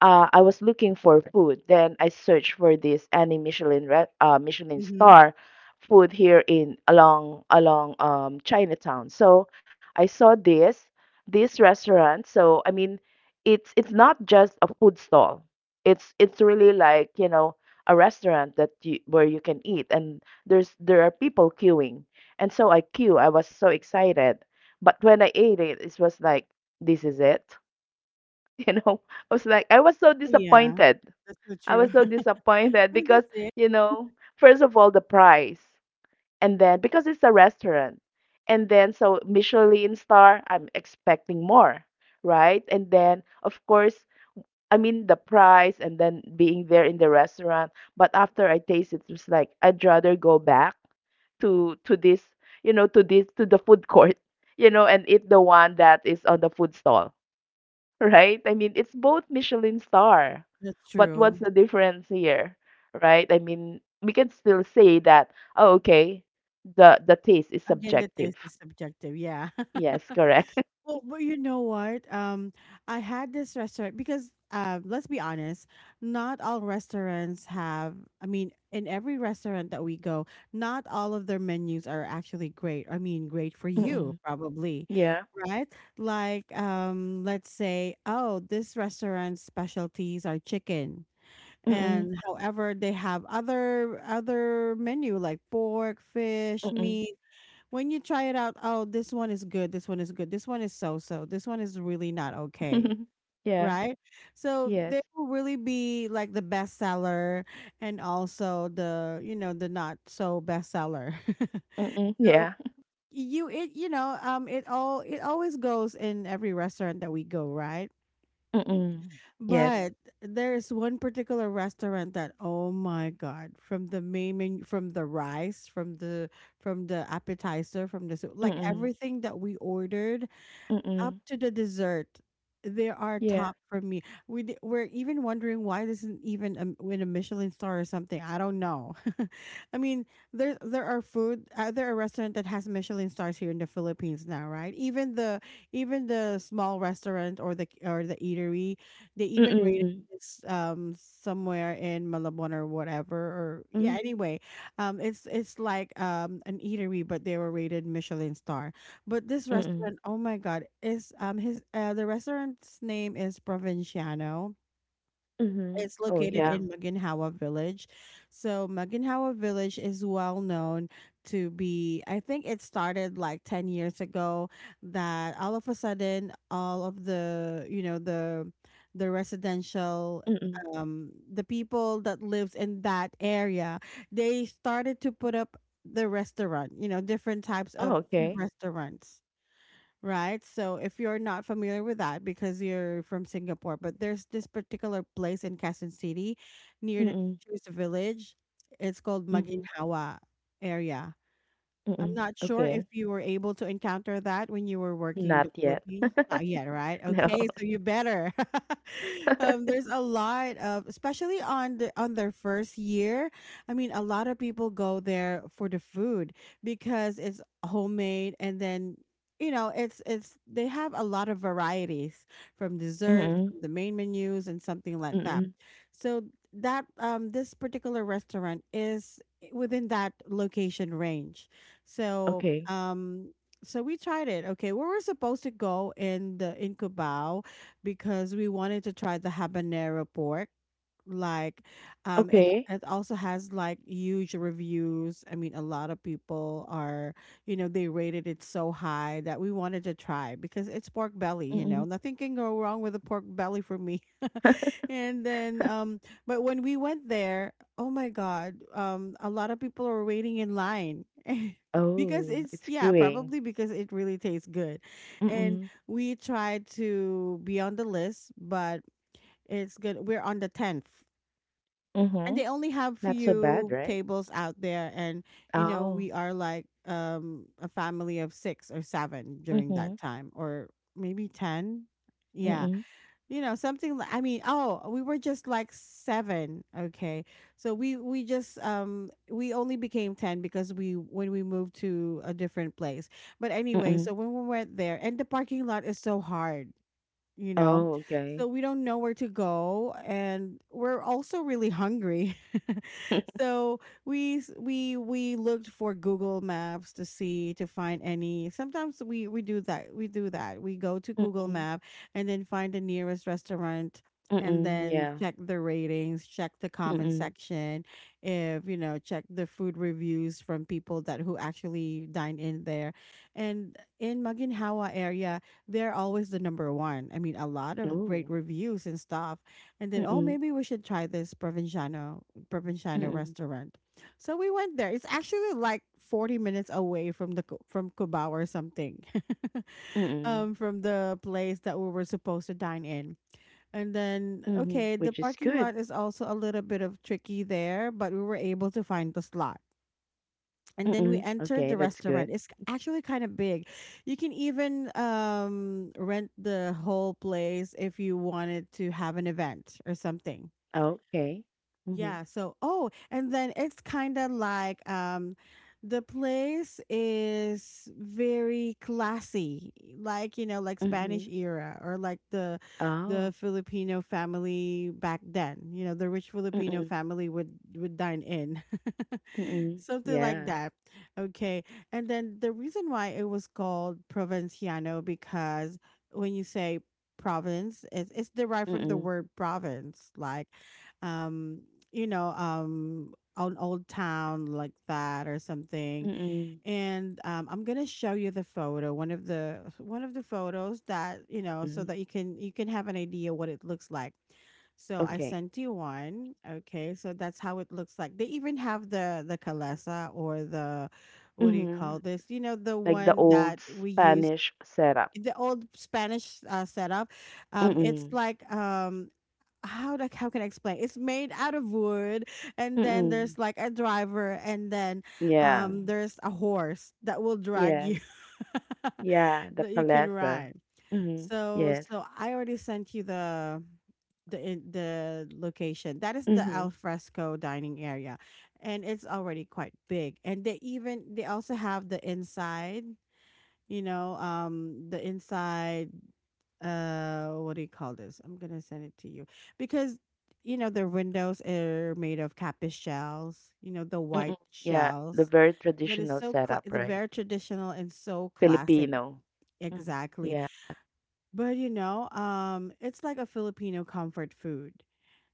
I was looking for food. Then I searched for this any Michelin re- Michelin
Mm-hmm.
star food here in along Chinatown. So I saw this restaurant. So I mean, it's not just a food stall. It's really like, you know, a restaurant that where you can eat, and there are people queuing. And so I queue. I was so excited. But when I ate it, it was like this is it you know *laughs* I was so
Oh, yeah.
disappointed.
That's so
I
true.
was so
*laughs* I
disappointed
mean,
because
that's it.
you know first of all the price, and then because it's a restaurant, and then so Michelin star I'm expecting more, right? And then of course, I mean the price and then being there in the restaurant, but after I taste it, it's like I'd rather go back to this, to this, to the food court, *laughs* and eat the one that is on the food stall, right? I mean, it's both Michelin star,
That's
but what's
true.
the difference here, right? I mean, we can still say that, oh, okay, the taste is
Again, the
subjective.
taste is subjective. Yeah. *laughs*
Yes, correct. *laughs*
Well, but you know what? I had this restaurant because, let's be honest, not all restaurants have. I mean, in every restaurant that we go, not all of their menus are actually great. I mean, great for you,
Mm-mm.
probably,
Yeah.
right? Like, let's say, oh, this restaurant's specialties are chicken,
Mm-mm.
and however, they have other menu like pork, fish,
Mm-mm.
meat. When you try it out, oh, this one is good, this one is good, this one is so so, this one is really not okay,
*laughs* Yeah.
right? So
Yes.
there will really be like the bestseller and also the, you know, the not so bestseller.
Mm-mm.
*laughs* So
Yeah.
you, it, you know, it all, it always goes in every restaurant that we go, right?
*laughs* Mm-mm. Yes.
But there's one particular restaurant that, oh my god, from the main menu, from the rice, from the, from the appetizer, from the soup, like
Mm-mm.
everything that we ordered, up
Mm-mm.
to the dessert, they are
Yeah.
top for me. We we're even wondering why this isn't even in a Michelin star or something, I don't know. *laughs* I mean, there are food, there are restaurant that has Michelin stars here in the Philippines now, right? Even the, even the small restaurant or the, or the eatery, they even rated
Mm-mm.
this, somewhere in Malabon or whatever, or yeah,
Mm-mm.
anyway, it's like an eatery, but they were rated Michelin star. But this
Mm-mm.
restaurant, oh my god, is his the restaurant's name is Provinciano.
Mm-hmm.
It's
Oh,
located
yeah.
in Maginhawa Village. So Maginhawa Village is well known to be, I think it started like 10 years ago, that all of a sudden all of the, you know, the residential,
Mm-mm.
the people that lives in that area, they started to put up the restaurant, you know, different types of
Oh,
food
okay.
restaurants, right? So if you're not familiar with that because you're from Singapore, but there's this particular place in Quezon City, near the
Mm-mm.
teacher's village. It's called
Mm-hmm.
Maginhawa area. I'm
Mm-mm.
not sure if
Okay.
you were able to encounter that when you were working in the
Not yet.
Philippines. Not yet, right?
No.
Okay, so you better. *laughs*
*laughs*
There's a lot of, especially on the, on their first year. I mean, a lot of people go there for the food because it's homemade, and then, you know, it's, they have a lot of varieties, from desserts,
Mm,
from the main menus, and something like that.
mm.
So that, this particular restaurant is within that location range, so,
Okey.
so we tried it. Okay, we were supposed to go in the, in Cubao, because we wanted to try the habanero pork, like,
Okay. Okay.
it, it also has like huge reviews. I mean, a lot of people are, you know, they rated it so high that we wanted to try, because it's pork belly, you
Mm.
know, nothing can go wrong with a pork belly for me. *laughs* And then but when we went there, oh my god, a lot of people are waiting in line, *laughs* because
Oh,
it's,
it's
yeah,
queuing.
probably because it really tastes good, and
Mm,
we tried to be on the list, but it's good, we're on the 10th, and
mhm.
they only have
Not so bad,
few
right?
tables out there, and, you know,
Oh.
we are like a family of six or seven during
Mhm,
that time, or maybe ten, yeah,
mm,
you know, something, I mean, oh, we were just like seven, okay. So we just, we only became 10 because we, when we moved to a different place. But anyway, so
mm.
when we went there, and the parking lot is so hard, you know?
Oh,
So
okay.
we don't know where to go, and we're also really hungry. *laughs*
*laughs*
So we, we looked for Google Maps to see, to find any. Sometimes we do that. We do that. We go to Google
Mm,
Map and then find the nearest restaurant, and
mm,
then
yeah.
check the ratings, check the comment
Mm.
section, if you know, check the food reviews from people that, who actually dine in there. And in Maginhawa area, they're always the number one. I mean, a lot of great
Oh.
reviews and stuff. And then, oh,
Mm,
maybe we should try this Provinciano
mm,
restaurant. So we went there. It's actually like 40 minutes away from the Cu- from Cubao or something, *laughs*
mm,
from the place that we were supposed to dine in. And then,
mhm, which
okay,
is
the
good.
parking lot is also a little bit of tricky there, but we were able to find the slot, and
Mm.
then we
Okay,
entered the
that's good.
restaurant. It's actually kind of big. You can even rent the whole place if you wanted to have an event or something.
Okay. Mhm,
Yeah. So, oh, and then it's kind of like the place is very classy, like you know, like
mhm.
Spanish era or like the
Oh.
the Filipino family back then. You know, the rich
Mm,
Filipino family would dine in, *laughs*
mm.
something like
Yeah.
that. Okay, and then the reason why it was called Provinciano, because when you say province, it's derived from the
Mm,
word province, like um you know, an old town like that or something.
mm,
And I'm gonna show you the photo, one of the photos, that so
mhm.
that you can have an idea what it looks like. So I
Okay.
sent you one. Okay, so that's how it looks like. They even have the kalesa, or the, what do you call
Mhm,
this? You know, the
like the
one that
old
we use,
Spanish setup.
the old Spanish setup. It's
Mm,
like, how, how can I explain? It's made out of wood, and then there's
mm.
like a driver, and then
Yeah.
there's a horse that will drag you,
Yes.
*laughs*
Yeah, the
that you can
calesa.
ride.
Mhm.
So
Yes.
so I already sent you the location. That is the
Mhm.
alfresco dining area, and it's already quite big. And they also have the inside. You know, the inside, what do you call this? I'm gonna send it to you, because you know their windows are made of kapis shells, you know, the
Mm.
white
Yeah, the
shells,
very
that is
traditional
so cla
setup,
the
right?
very traditional and so classic.
Filipino. Mhm.
Exactly.
Yeah.
But you know, it's like a Filipino comfort food,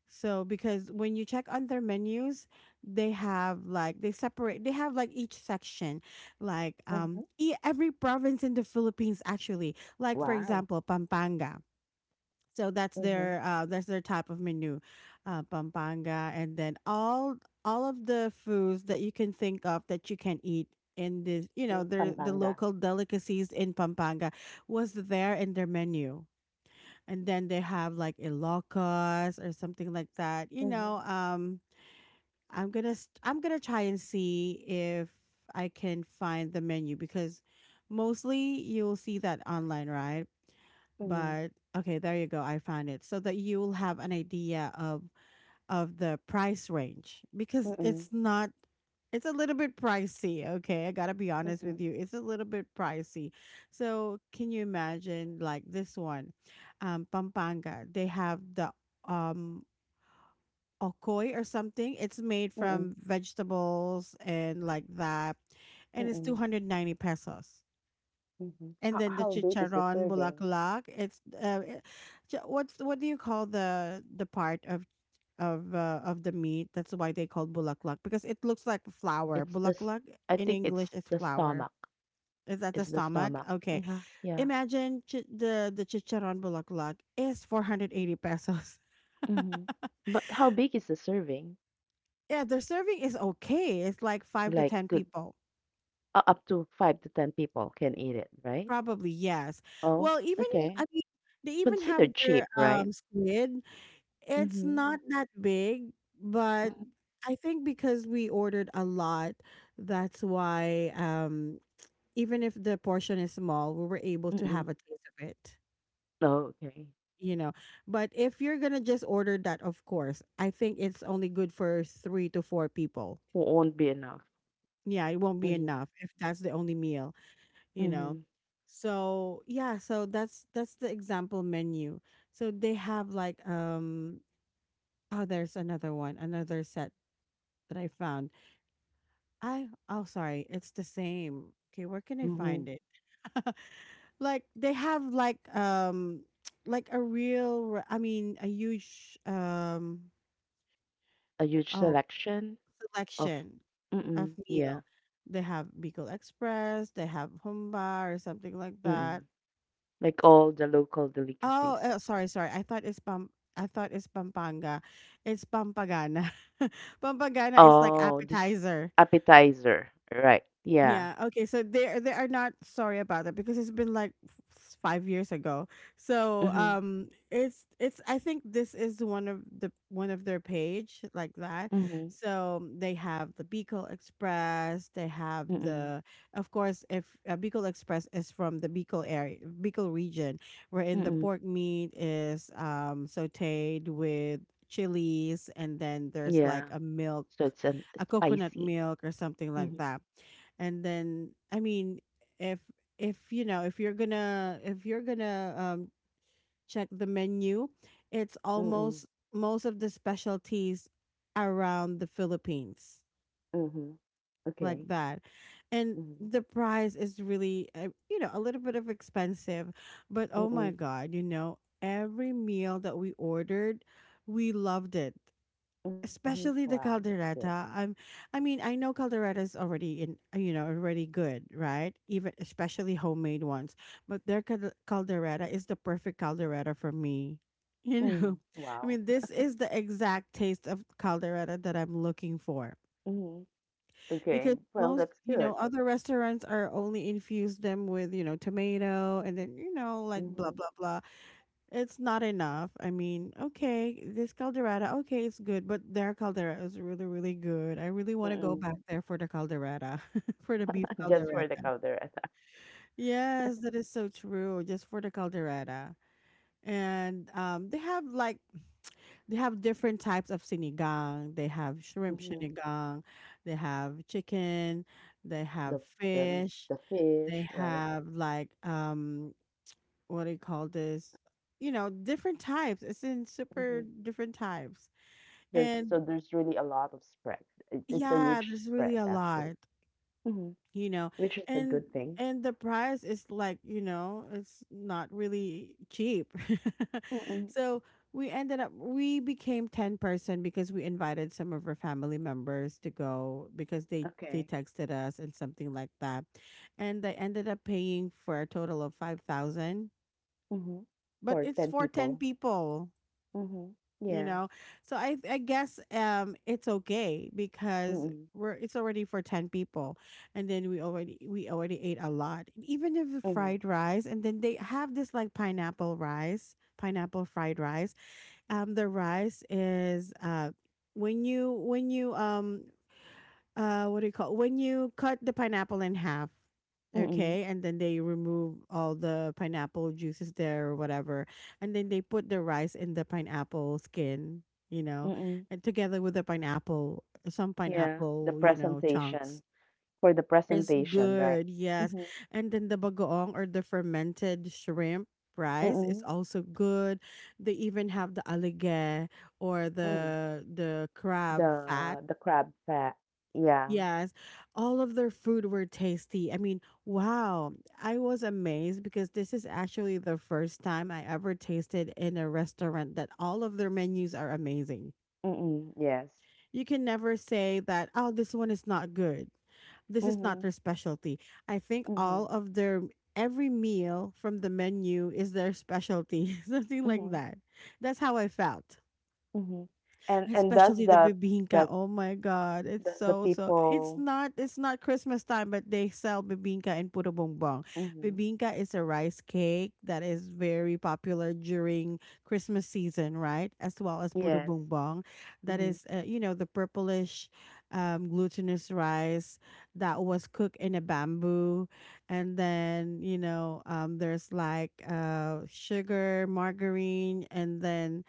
so because when you check on their menus, they have like, they have like each section, like
Mhm.
every province in the Philippines, actually, like, for
Wow.
example, Pampanga. So that's
Mhm.
their, type of menu, Pampanga, and then all of the foods that you can think of, that you can eat in this, you know,
In
the
Pampanga.
local delicacies in Pampanga, was there in their menu. And then they have like Ilocos or something like that. You
Mhm.
know, I'm gonna try and see if I can find the menu, because mostly you'll see that online, right?
Mhm.
But okay, there you go. I found it, so that you will have an idea of the price range, because
Mm.
it's not it's a little bit pricey, okay? I got to be honest with
Mhm.
you. It's a little bit pricey. So, can you imagine like this one? Pampanga, they have the, um okoy or something. It's made
Mm.
from vegetables and like that. And it's
Mm.
290 pesos.
Mhm.
And then the
How big is the
chicharon
serving?
bulaklak. It's it- chi- what's what do you call the part of the meat? That's why they call bulaklak, because it looks like flour.
It's the s-
Bulaklak
I
in
think
English
it's
is
the
flour.
stomach.
Is that the
Is the
stomach?
stomach.
Okay.
Yeah.
Imagine, the chicharon bulaklak is 480 pesos. *laughs*
Mhm. But how big is the serving?
Yeah, their serving is okay. It's like five to
Like
ten
good
people,
u up to 5 to 10 people can eat it, right?
probably. Yes.
Oh,
Well, even if I
okay.
mean, they even have
Considered
their
cheap, right?
squid. It's
Mhm.
not that big, but
Mhm.
I think because we ordered a lot, that's why, even if the portion is small, we were able to
Mm-mm.
have a taste of it,
Oh, okay.
you know. But if you're gonna just order that, of course, I think it's only good for 3 to 4 people.
Won't be enough.
Yeah, it won't be
Mhm.
enough if that's the only meal, you know.
Mhm.
So yeah, so that's the example menu. So they have like, oh, there's another one, another set that I found. I Oh, sorry, it's the same. Okay, where can I
Mhm.
find it? *laughs* Like they have like, *tsk* like a I mean, a huge,
A huge
oh,
selection of.
selection of
Mm-mm. Yeah.
meal. They have Bicol Express, they have Humba or something like
Mm-mm.
that.
Like all the local
Oh,
delicacies.
sorry, sorry. I thought it's Pampanga. It's Pampagana. *laughs* Pampagana is like
Oh, this
appetizer.
appetizer. Right. Yeah.
Yeah. Okay. So they are not sorry about it, because it's been like 5 years ago. So
Mhm.
it's I think this is one of their page like that.
Mhm.
So they have the Bicol Express. They have
Mm-mm.
the of course, if Bicol Express is from the Bicol area Bicol region, wherein the
Mm-mm.
pork meat is sautéed with chilies, and then there's like
Yeah,
a milk,
so it's an
a coconut
spicy.
milk or something like
Mhm.
that. And then, I mean, if if you're gonna, check the menu, it's
Mm-mm.
almost most of the specialties around the Philippines,
Mhm.
like
Okay.
that. And
Mhm.
the price is really, you know, a little bit of expensive. But oh
Mm-mm.
my god, you know, every meal that we ordered, we loved it,
Mhm. Wow,
especially the
that's good.
caldereta. I mean, I know caldereta is already, in you know, already good, right? Even, especially homemade ones. But their caldereta is the perfect caldereta for me, you
Mm.
know.
Wow.
*laughs* I mean, this is the exact taste of caldereta that I'm looking for,
Mhm. Okay.
because
Well, that's
most, you
good.
know, other restaurants are only infused them with, you know, tomato, and then, you know, like,
Mhm.
blah blah blah. It's not enough. I mean, okay, this caldereta, okay, it's good, but their caldereta is really, really good. I really want to go
Mm-mm.
back there for the caldereta, *laughs* for the beef
*laughs* Just for
caldereta.
the counter attack.
Yes, that is so true. Just for the caldereta. And they have different types of sinigang. They have shrimp
Mhm.
sinigang, they have chicken, they
The
have
the the
fish,
fish,
they
right?
have like, what do you call this? You know, different types. It's in
Mhm.
super different types.
There's
And
so there's really a lot of spread. It, it's a
yeah,
huge
there's really
spread
a
actually.
lot,
Mhm.
you know.
Which is a
And
good thing.
and the price is like, you know, it's not really cheap. *laughs*
Mm-mm.
So we ended up we became 10 person, because we invited some of our family members to go, because they
Okay.
texted us and something like that, and they ended up paying for a total of 5,000,
Mhm.
but
For
it's
10
for 10
people.
people,
Mhm.
you
Yeah.
know. So I guess, it's okay because
Mm-mm.
we're it's already for 10 people. And then we already ate a lot. Even if the
Mhm.
fried rice, and then they have this like, pineapple fried rice. The rice is, when you what do you call, when you cut the pineapple in half,
Mm,
okay, and then they remove all the pineapple juices there or whatever, and then they put the rice in the pineapple skin, you know,
mm.
and together with the pineapple, some
Yeah, the
pineapple, you know, chunks.
presentation. For the
It's
presentation, right?
good. Yes.
Mhm.
And then the bagoong, or the fermented shrimp rice, is
Mm,
also good. They even have the alige, or
mm.
the crab fat.
The crab fat. Yeah.
Yes, all of their food were tasty. I mean, wow, I was amazed, because this is actually the first time I ever tasted in a restaurant that all of their menus are amazing.
Mm, yes.
You can never say that, oh, this one is not good, this is not
Mhm.
their specialty. I think all
Mhm.
of their, every meal from the menu is their specialty, *laughs* something like
Mhm.
that. That's how I felt,
Mhm. And
especially the bibingka.
does
Oh my god, it's
does the
so so.
people.
It's not Christmas time, but they sell bibingka in Puto Bongbong.
Mhm.
Bibingka is a rice cake that is very popular during Christmas season, right? As well as Puto
Yes.
Bongbong, that is,
Mhm.
you know, the purplish, glutinous rice that was cooked in a bamboo, and then, you know, there's like, sugar, margarine, and then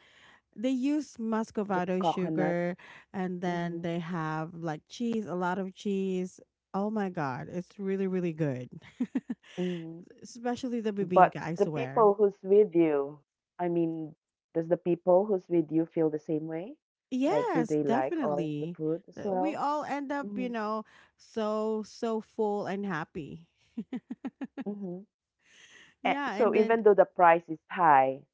they use
The
muscovado
coconut.
sugar, and then
Mhm.
they have like cheese, a lot of cheese. Oh my god, it's really really good.
Mhm.
*laughs* Especially the
But
bibinka, I
the people
swear.
who's with you, I mean, does the people who's with you feel the same way? Like, do
Yes,
they like all of the
definitely.
food as
We
well?
all end up, you
Mm-hmm.
know, so full and happy.
Mm-hmm. And
Yeah.
so
And then,
even though the price is high,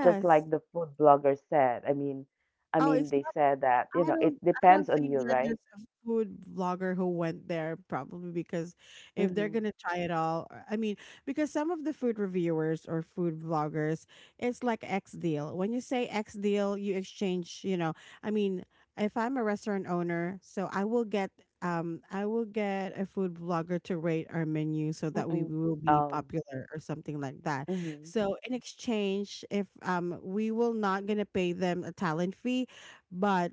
just like the food blogger said, I
oh it's
mean, they said that,
I
you know,
don't
it
I don't
depends on
think
you,
that there's
right?
a food vlogger who went there, probably because if they're
Mm-hmm.
gonna try it all, I mean, because some of the food reviewers or food vloggers, it's like X deal. When you say X deal, you exchange, you know, I mean, if I'm a restaurant owner, so I will get a food vlogger to rate our menu so that we
Mm-mm.
will be
Um.
popular or something like that.
Mm-hmm.
So in exchange, if, we will not gonna pay them a talent fee, but,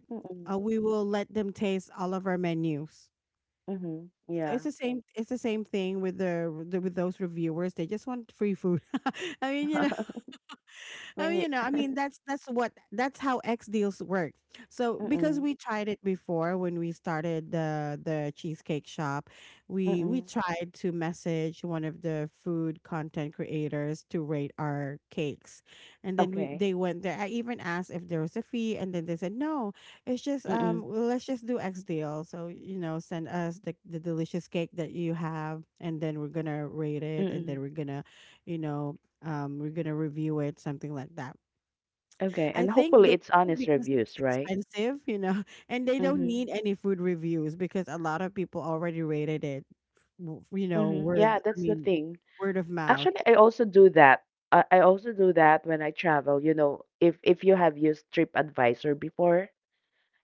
Mm-mm.
we will let them taste all of our menus.
Mm-hmm.
So it's the
Yeah.
same. It's the same thing with those reviewers. They just want free food. *laughs* I mean, you know,
*laughs* I
oh, you
mean,
know,
you,
I mean, that's how X deals work. So because we
mm-mm.
tried it before when we started the cheesecake shop, we
Mm-mm.
tried to message one of the food content creators to rate our cakes, and then we they
Okay.
went there. I even asked if there was a fee, and then they said no. It's just, well,
Mm-mm.
let's just do X deal. So, you know, send us the delicious cake that you have, and then we're gonna rate it, and then
Mm-mm.
you know we're gonna review it, something like that. I
Okay, and
think they
hopefully it's
did,
honest
because it's
reviews, right?
expensive, you know. *laughs* And they don't need
Mm-hmm.
any food reviews, because a lot of people already rated it. You know,
Mm-hmm. Yeah,
word, I
that's the
mean,
thing.
word of mouth.
Actually, I also do that. I also do that when I travel. You know, if you have used TripAdvisor before,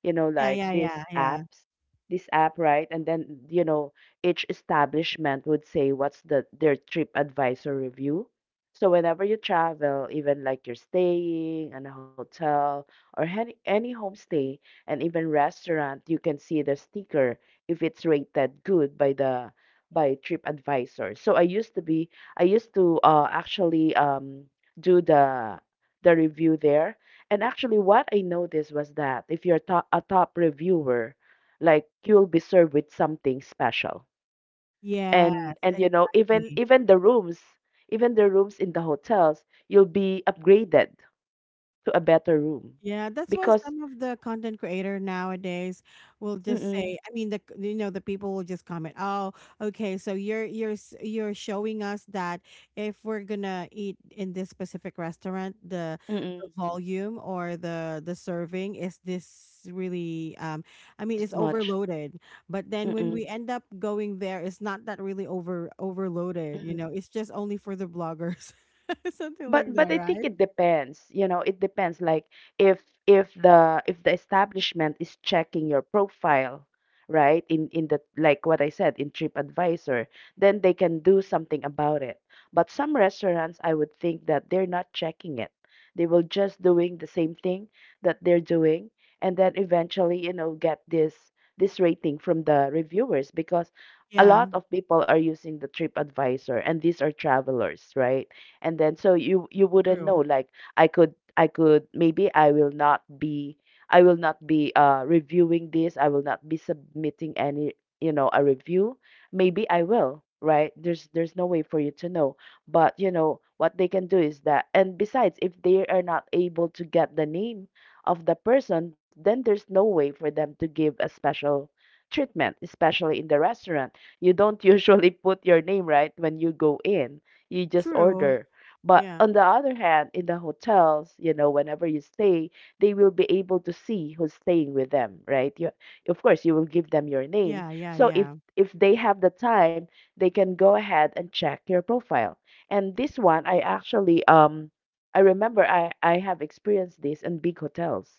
you know,
Yeah,
like
yeah, yeah,
these
yeah.
apps, this app, right? And then, you know, each establishment would say what's the their trip advisor review. So whenever you travel, even like you're staying in a hotel or any homestay and even restaurant, you can see the sticker if it's rated good by the by TripAdvisor. So I used to actually do the review there. And actually, what I noticed was that if you're a top reviewer, like you'll be served with something special.
Yes,
And you know,
exactly.
even the rooms in the hotels, you'll be upgraded to a better room
Yeah, that's why
because
some of the content creator nowadays will just
mm-mm,
say, I mean, the you know the people will just comment, "Oh, okay, so you're, you're showing us that if we're gonna eat in this specific restaurant,
mm-mm,
the volume, or the serving is this really, I mean,
this
it's
much.
overloaded. But then when
Mm-mm,
we end up going there, it's not that really overloaded. You know,
mm-mm.
it's just only for the bloggers," *laughs* something like
But
that,
I think
right?
it depends. You know, it depends. Like if if the establishment is checking your profile, right? In the, like what I said, in TripAdvisor, then they can do something about it. But some restaurants, I would think that they're not checking it. They will just doing the same thing that they're doing, and then eventually, you know, get this rating from the reviewers because a
Yeah,
lot of people are using the TripAdvisor, and these are travelers, right? And then so you wouldn't know.
true.
Like I could, maybe I will not be, I will not be reviewing this. I will not be submitting any, you know, a review. Maybe I will, right? There's no way for you to know. But you know what they can do is that, and besides, if they are not able to get the name of the person, then there's no way for them to give a special treatment, especially in the restaurant. You don't *laughs* usually put your name, right, when you go in. You just
True.
order. But
Yeah.
on the other hand, in the hotels, you know, whenever you stay, they will be able to see who's staying with them, right? You, of course, you will give them your name.
Yeah, yeah,
So
yeah.
if they have the time, they can go ahead and check your profile. And this one, I actually I remember I have experienced this in big hotels.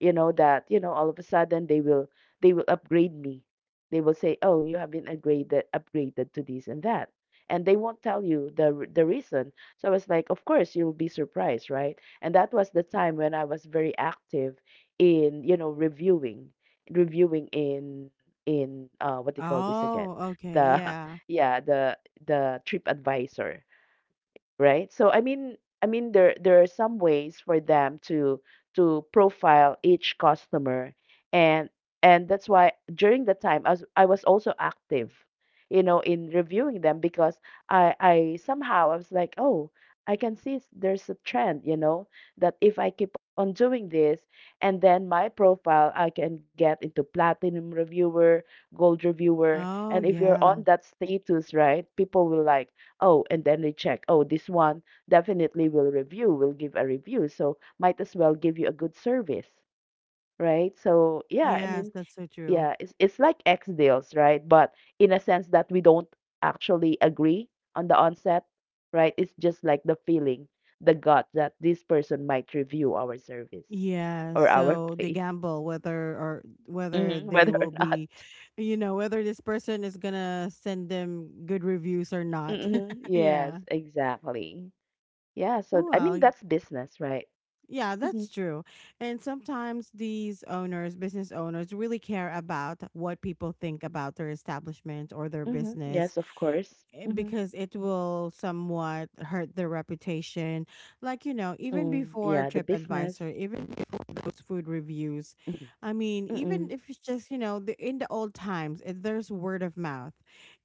You know that, you know, all of a sudden they will, they will upgrade me. They will say, oh, you have been upgraded, upgraded to this and that, and they won't tell you the reason. So I was like, of course you'll be surprised, right? And that was the time when I was very active in, you know, reviewing, reviewing in what do you call this again,
Oh, okay.
the *laughs*
Yeah.
yeah, the trip advisor right? So I mean, I mean, there are some ways for them to profile each customer. and and that's why during the time I was, I was also active, you know, in reviewing them, because I somehow I was like, oh, I can see there's a trend, you know, that if I keep on doing this, and then my profile I can get into platinum reviewer, gold reviewer, and
Oh,
if you're on
yeah.
that status, right, people will like, oh, and then they check. Oh, this one definitely will review, will give a review. So might as well give you a good service, right? So yeah, I
Yes,
mean,
that's so true.
yeah, it's like X deals, right? But in a sense that we don't actually agree on the onset, right? It's just like the feeling, the gut that this person might review our service
Yeah,
or our
so
*laughs*
they
place,
gamble whether or whether
hmm,
they
whether or
will be,
not.
you know, whether this person is gonna send them good reviews or not.
Hmm,
*laughs*
yes,
Yeah.
exactly. Yeah, so I mean, that's
Well,
business, right?
yeah,
Mhm.
that's true. And sometimes these owners, business owners, really care about what people think about their establishment or their
Mhm. Yes,
business,
of course.
eh,
Mhm.
because it will somewhat hurt their reputation. Like, you know, even
Mm, yeah, the
before
business.
TripAdvisor, even before those food reviews,
Mhm.
I mean,
Mm-mm.
even if it's just, you know, in the old times, eh, there's word of mouth.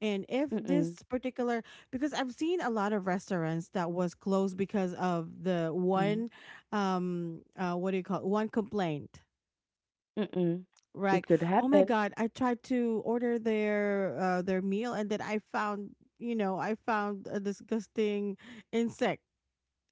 And if
Mm-mm.
this particular, because I've seen a lot of restaurants that was closed because of the
Mm.
one, what do you call it? One complaint.
Mm-mm. It
Right.
could
Oh my
happen.
god, I tried to order their meal, and then I found a disgusting insect,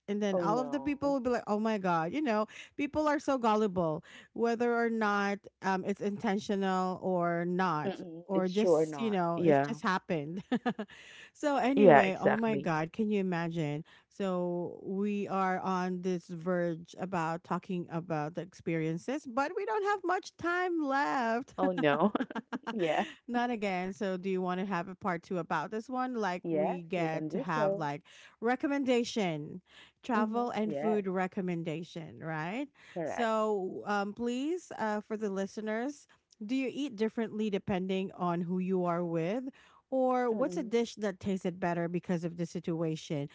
and then
Oh
all of the
no.
people will be like, oh my god, you know, people are so gullible, whether or not, it's intentional or not,
Mm-mm. It's
or
sure
just,
not.
you know, it's
Yeah.
just happened. *laughs* So
Yeah,
anyway, oh my
exactly.
god, can you imagine, so we are on this verge about talking about the experiences, but we don't have much time left.
Oh no. *laughs*
*laughs*
Yeah.
Not again. So, do you want to have a part two about this one, like,
Yes,
we
we can
get to
do
have
so.
like, recommendation,
Mhm.
travel and
Yes,
food recommendation, right?
correct.
So, please, for the listeners, do you eat differently depending on who you are with? Or, what's a
Mm-mm.
dish that tasted better because of the situation?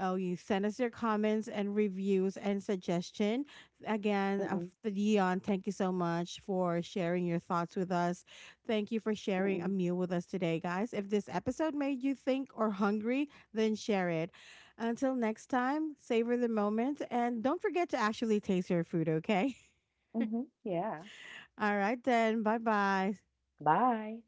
Oh, you send us your comments and reviews and suggestion. Again,
Mm-mm.
Dion, thank you so much for sharing your thoughts with us. Thank you for sharing a
Mm-mm.
meal with us today, guys. If this episode made you think or hungry, then share it. Until next time, savor the moment, and don't forget to actually taste your food, okay?
Mhm. Yeah.
*laughs* All right, then. Bye bye.
Bye.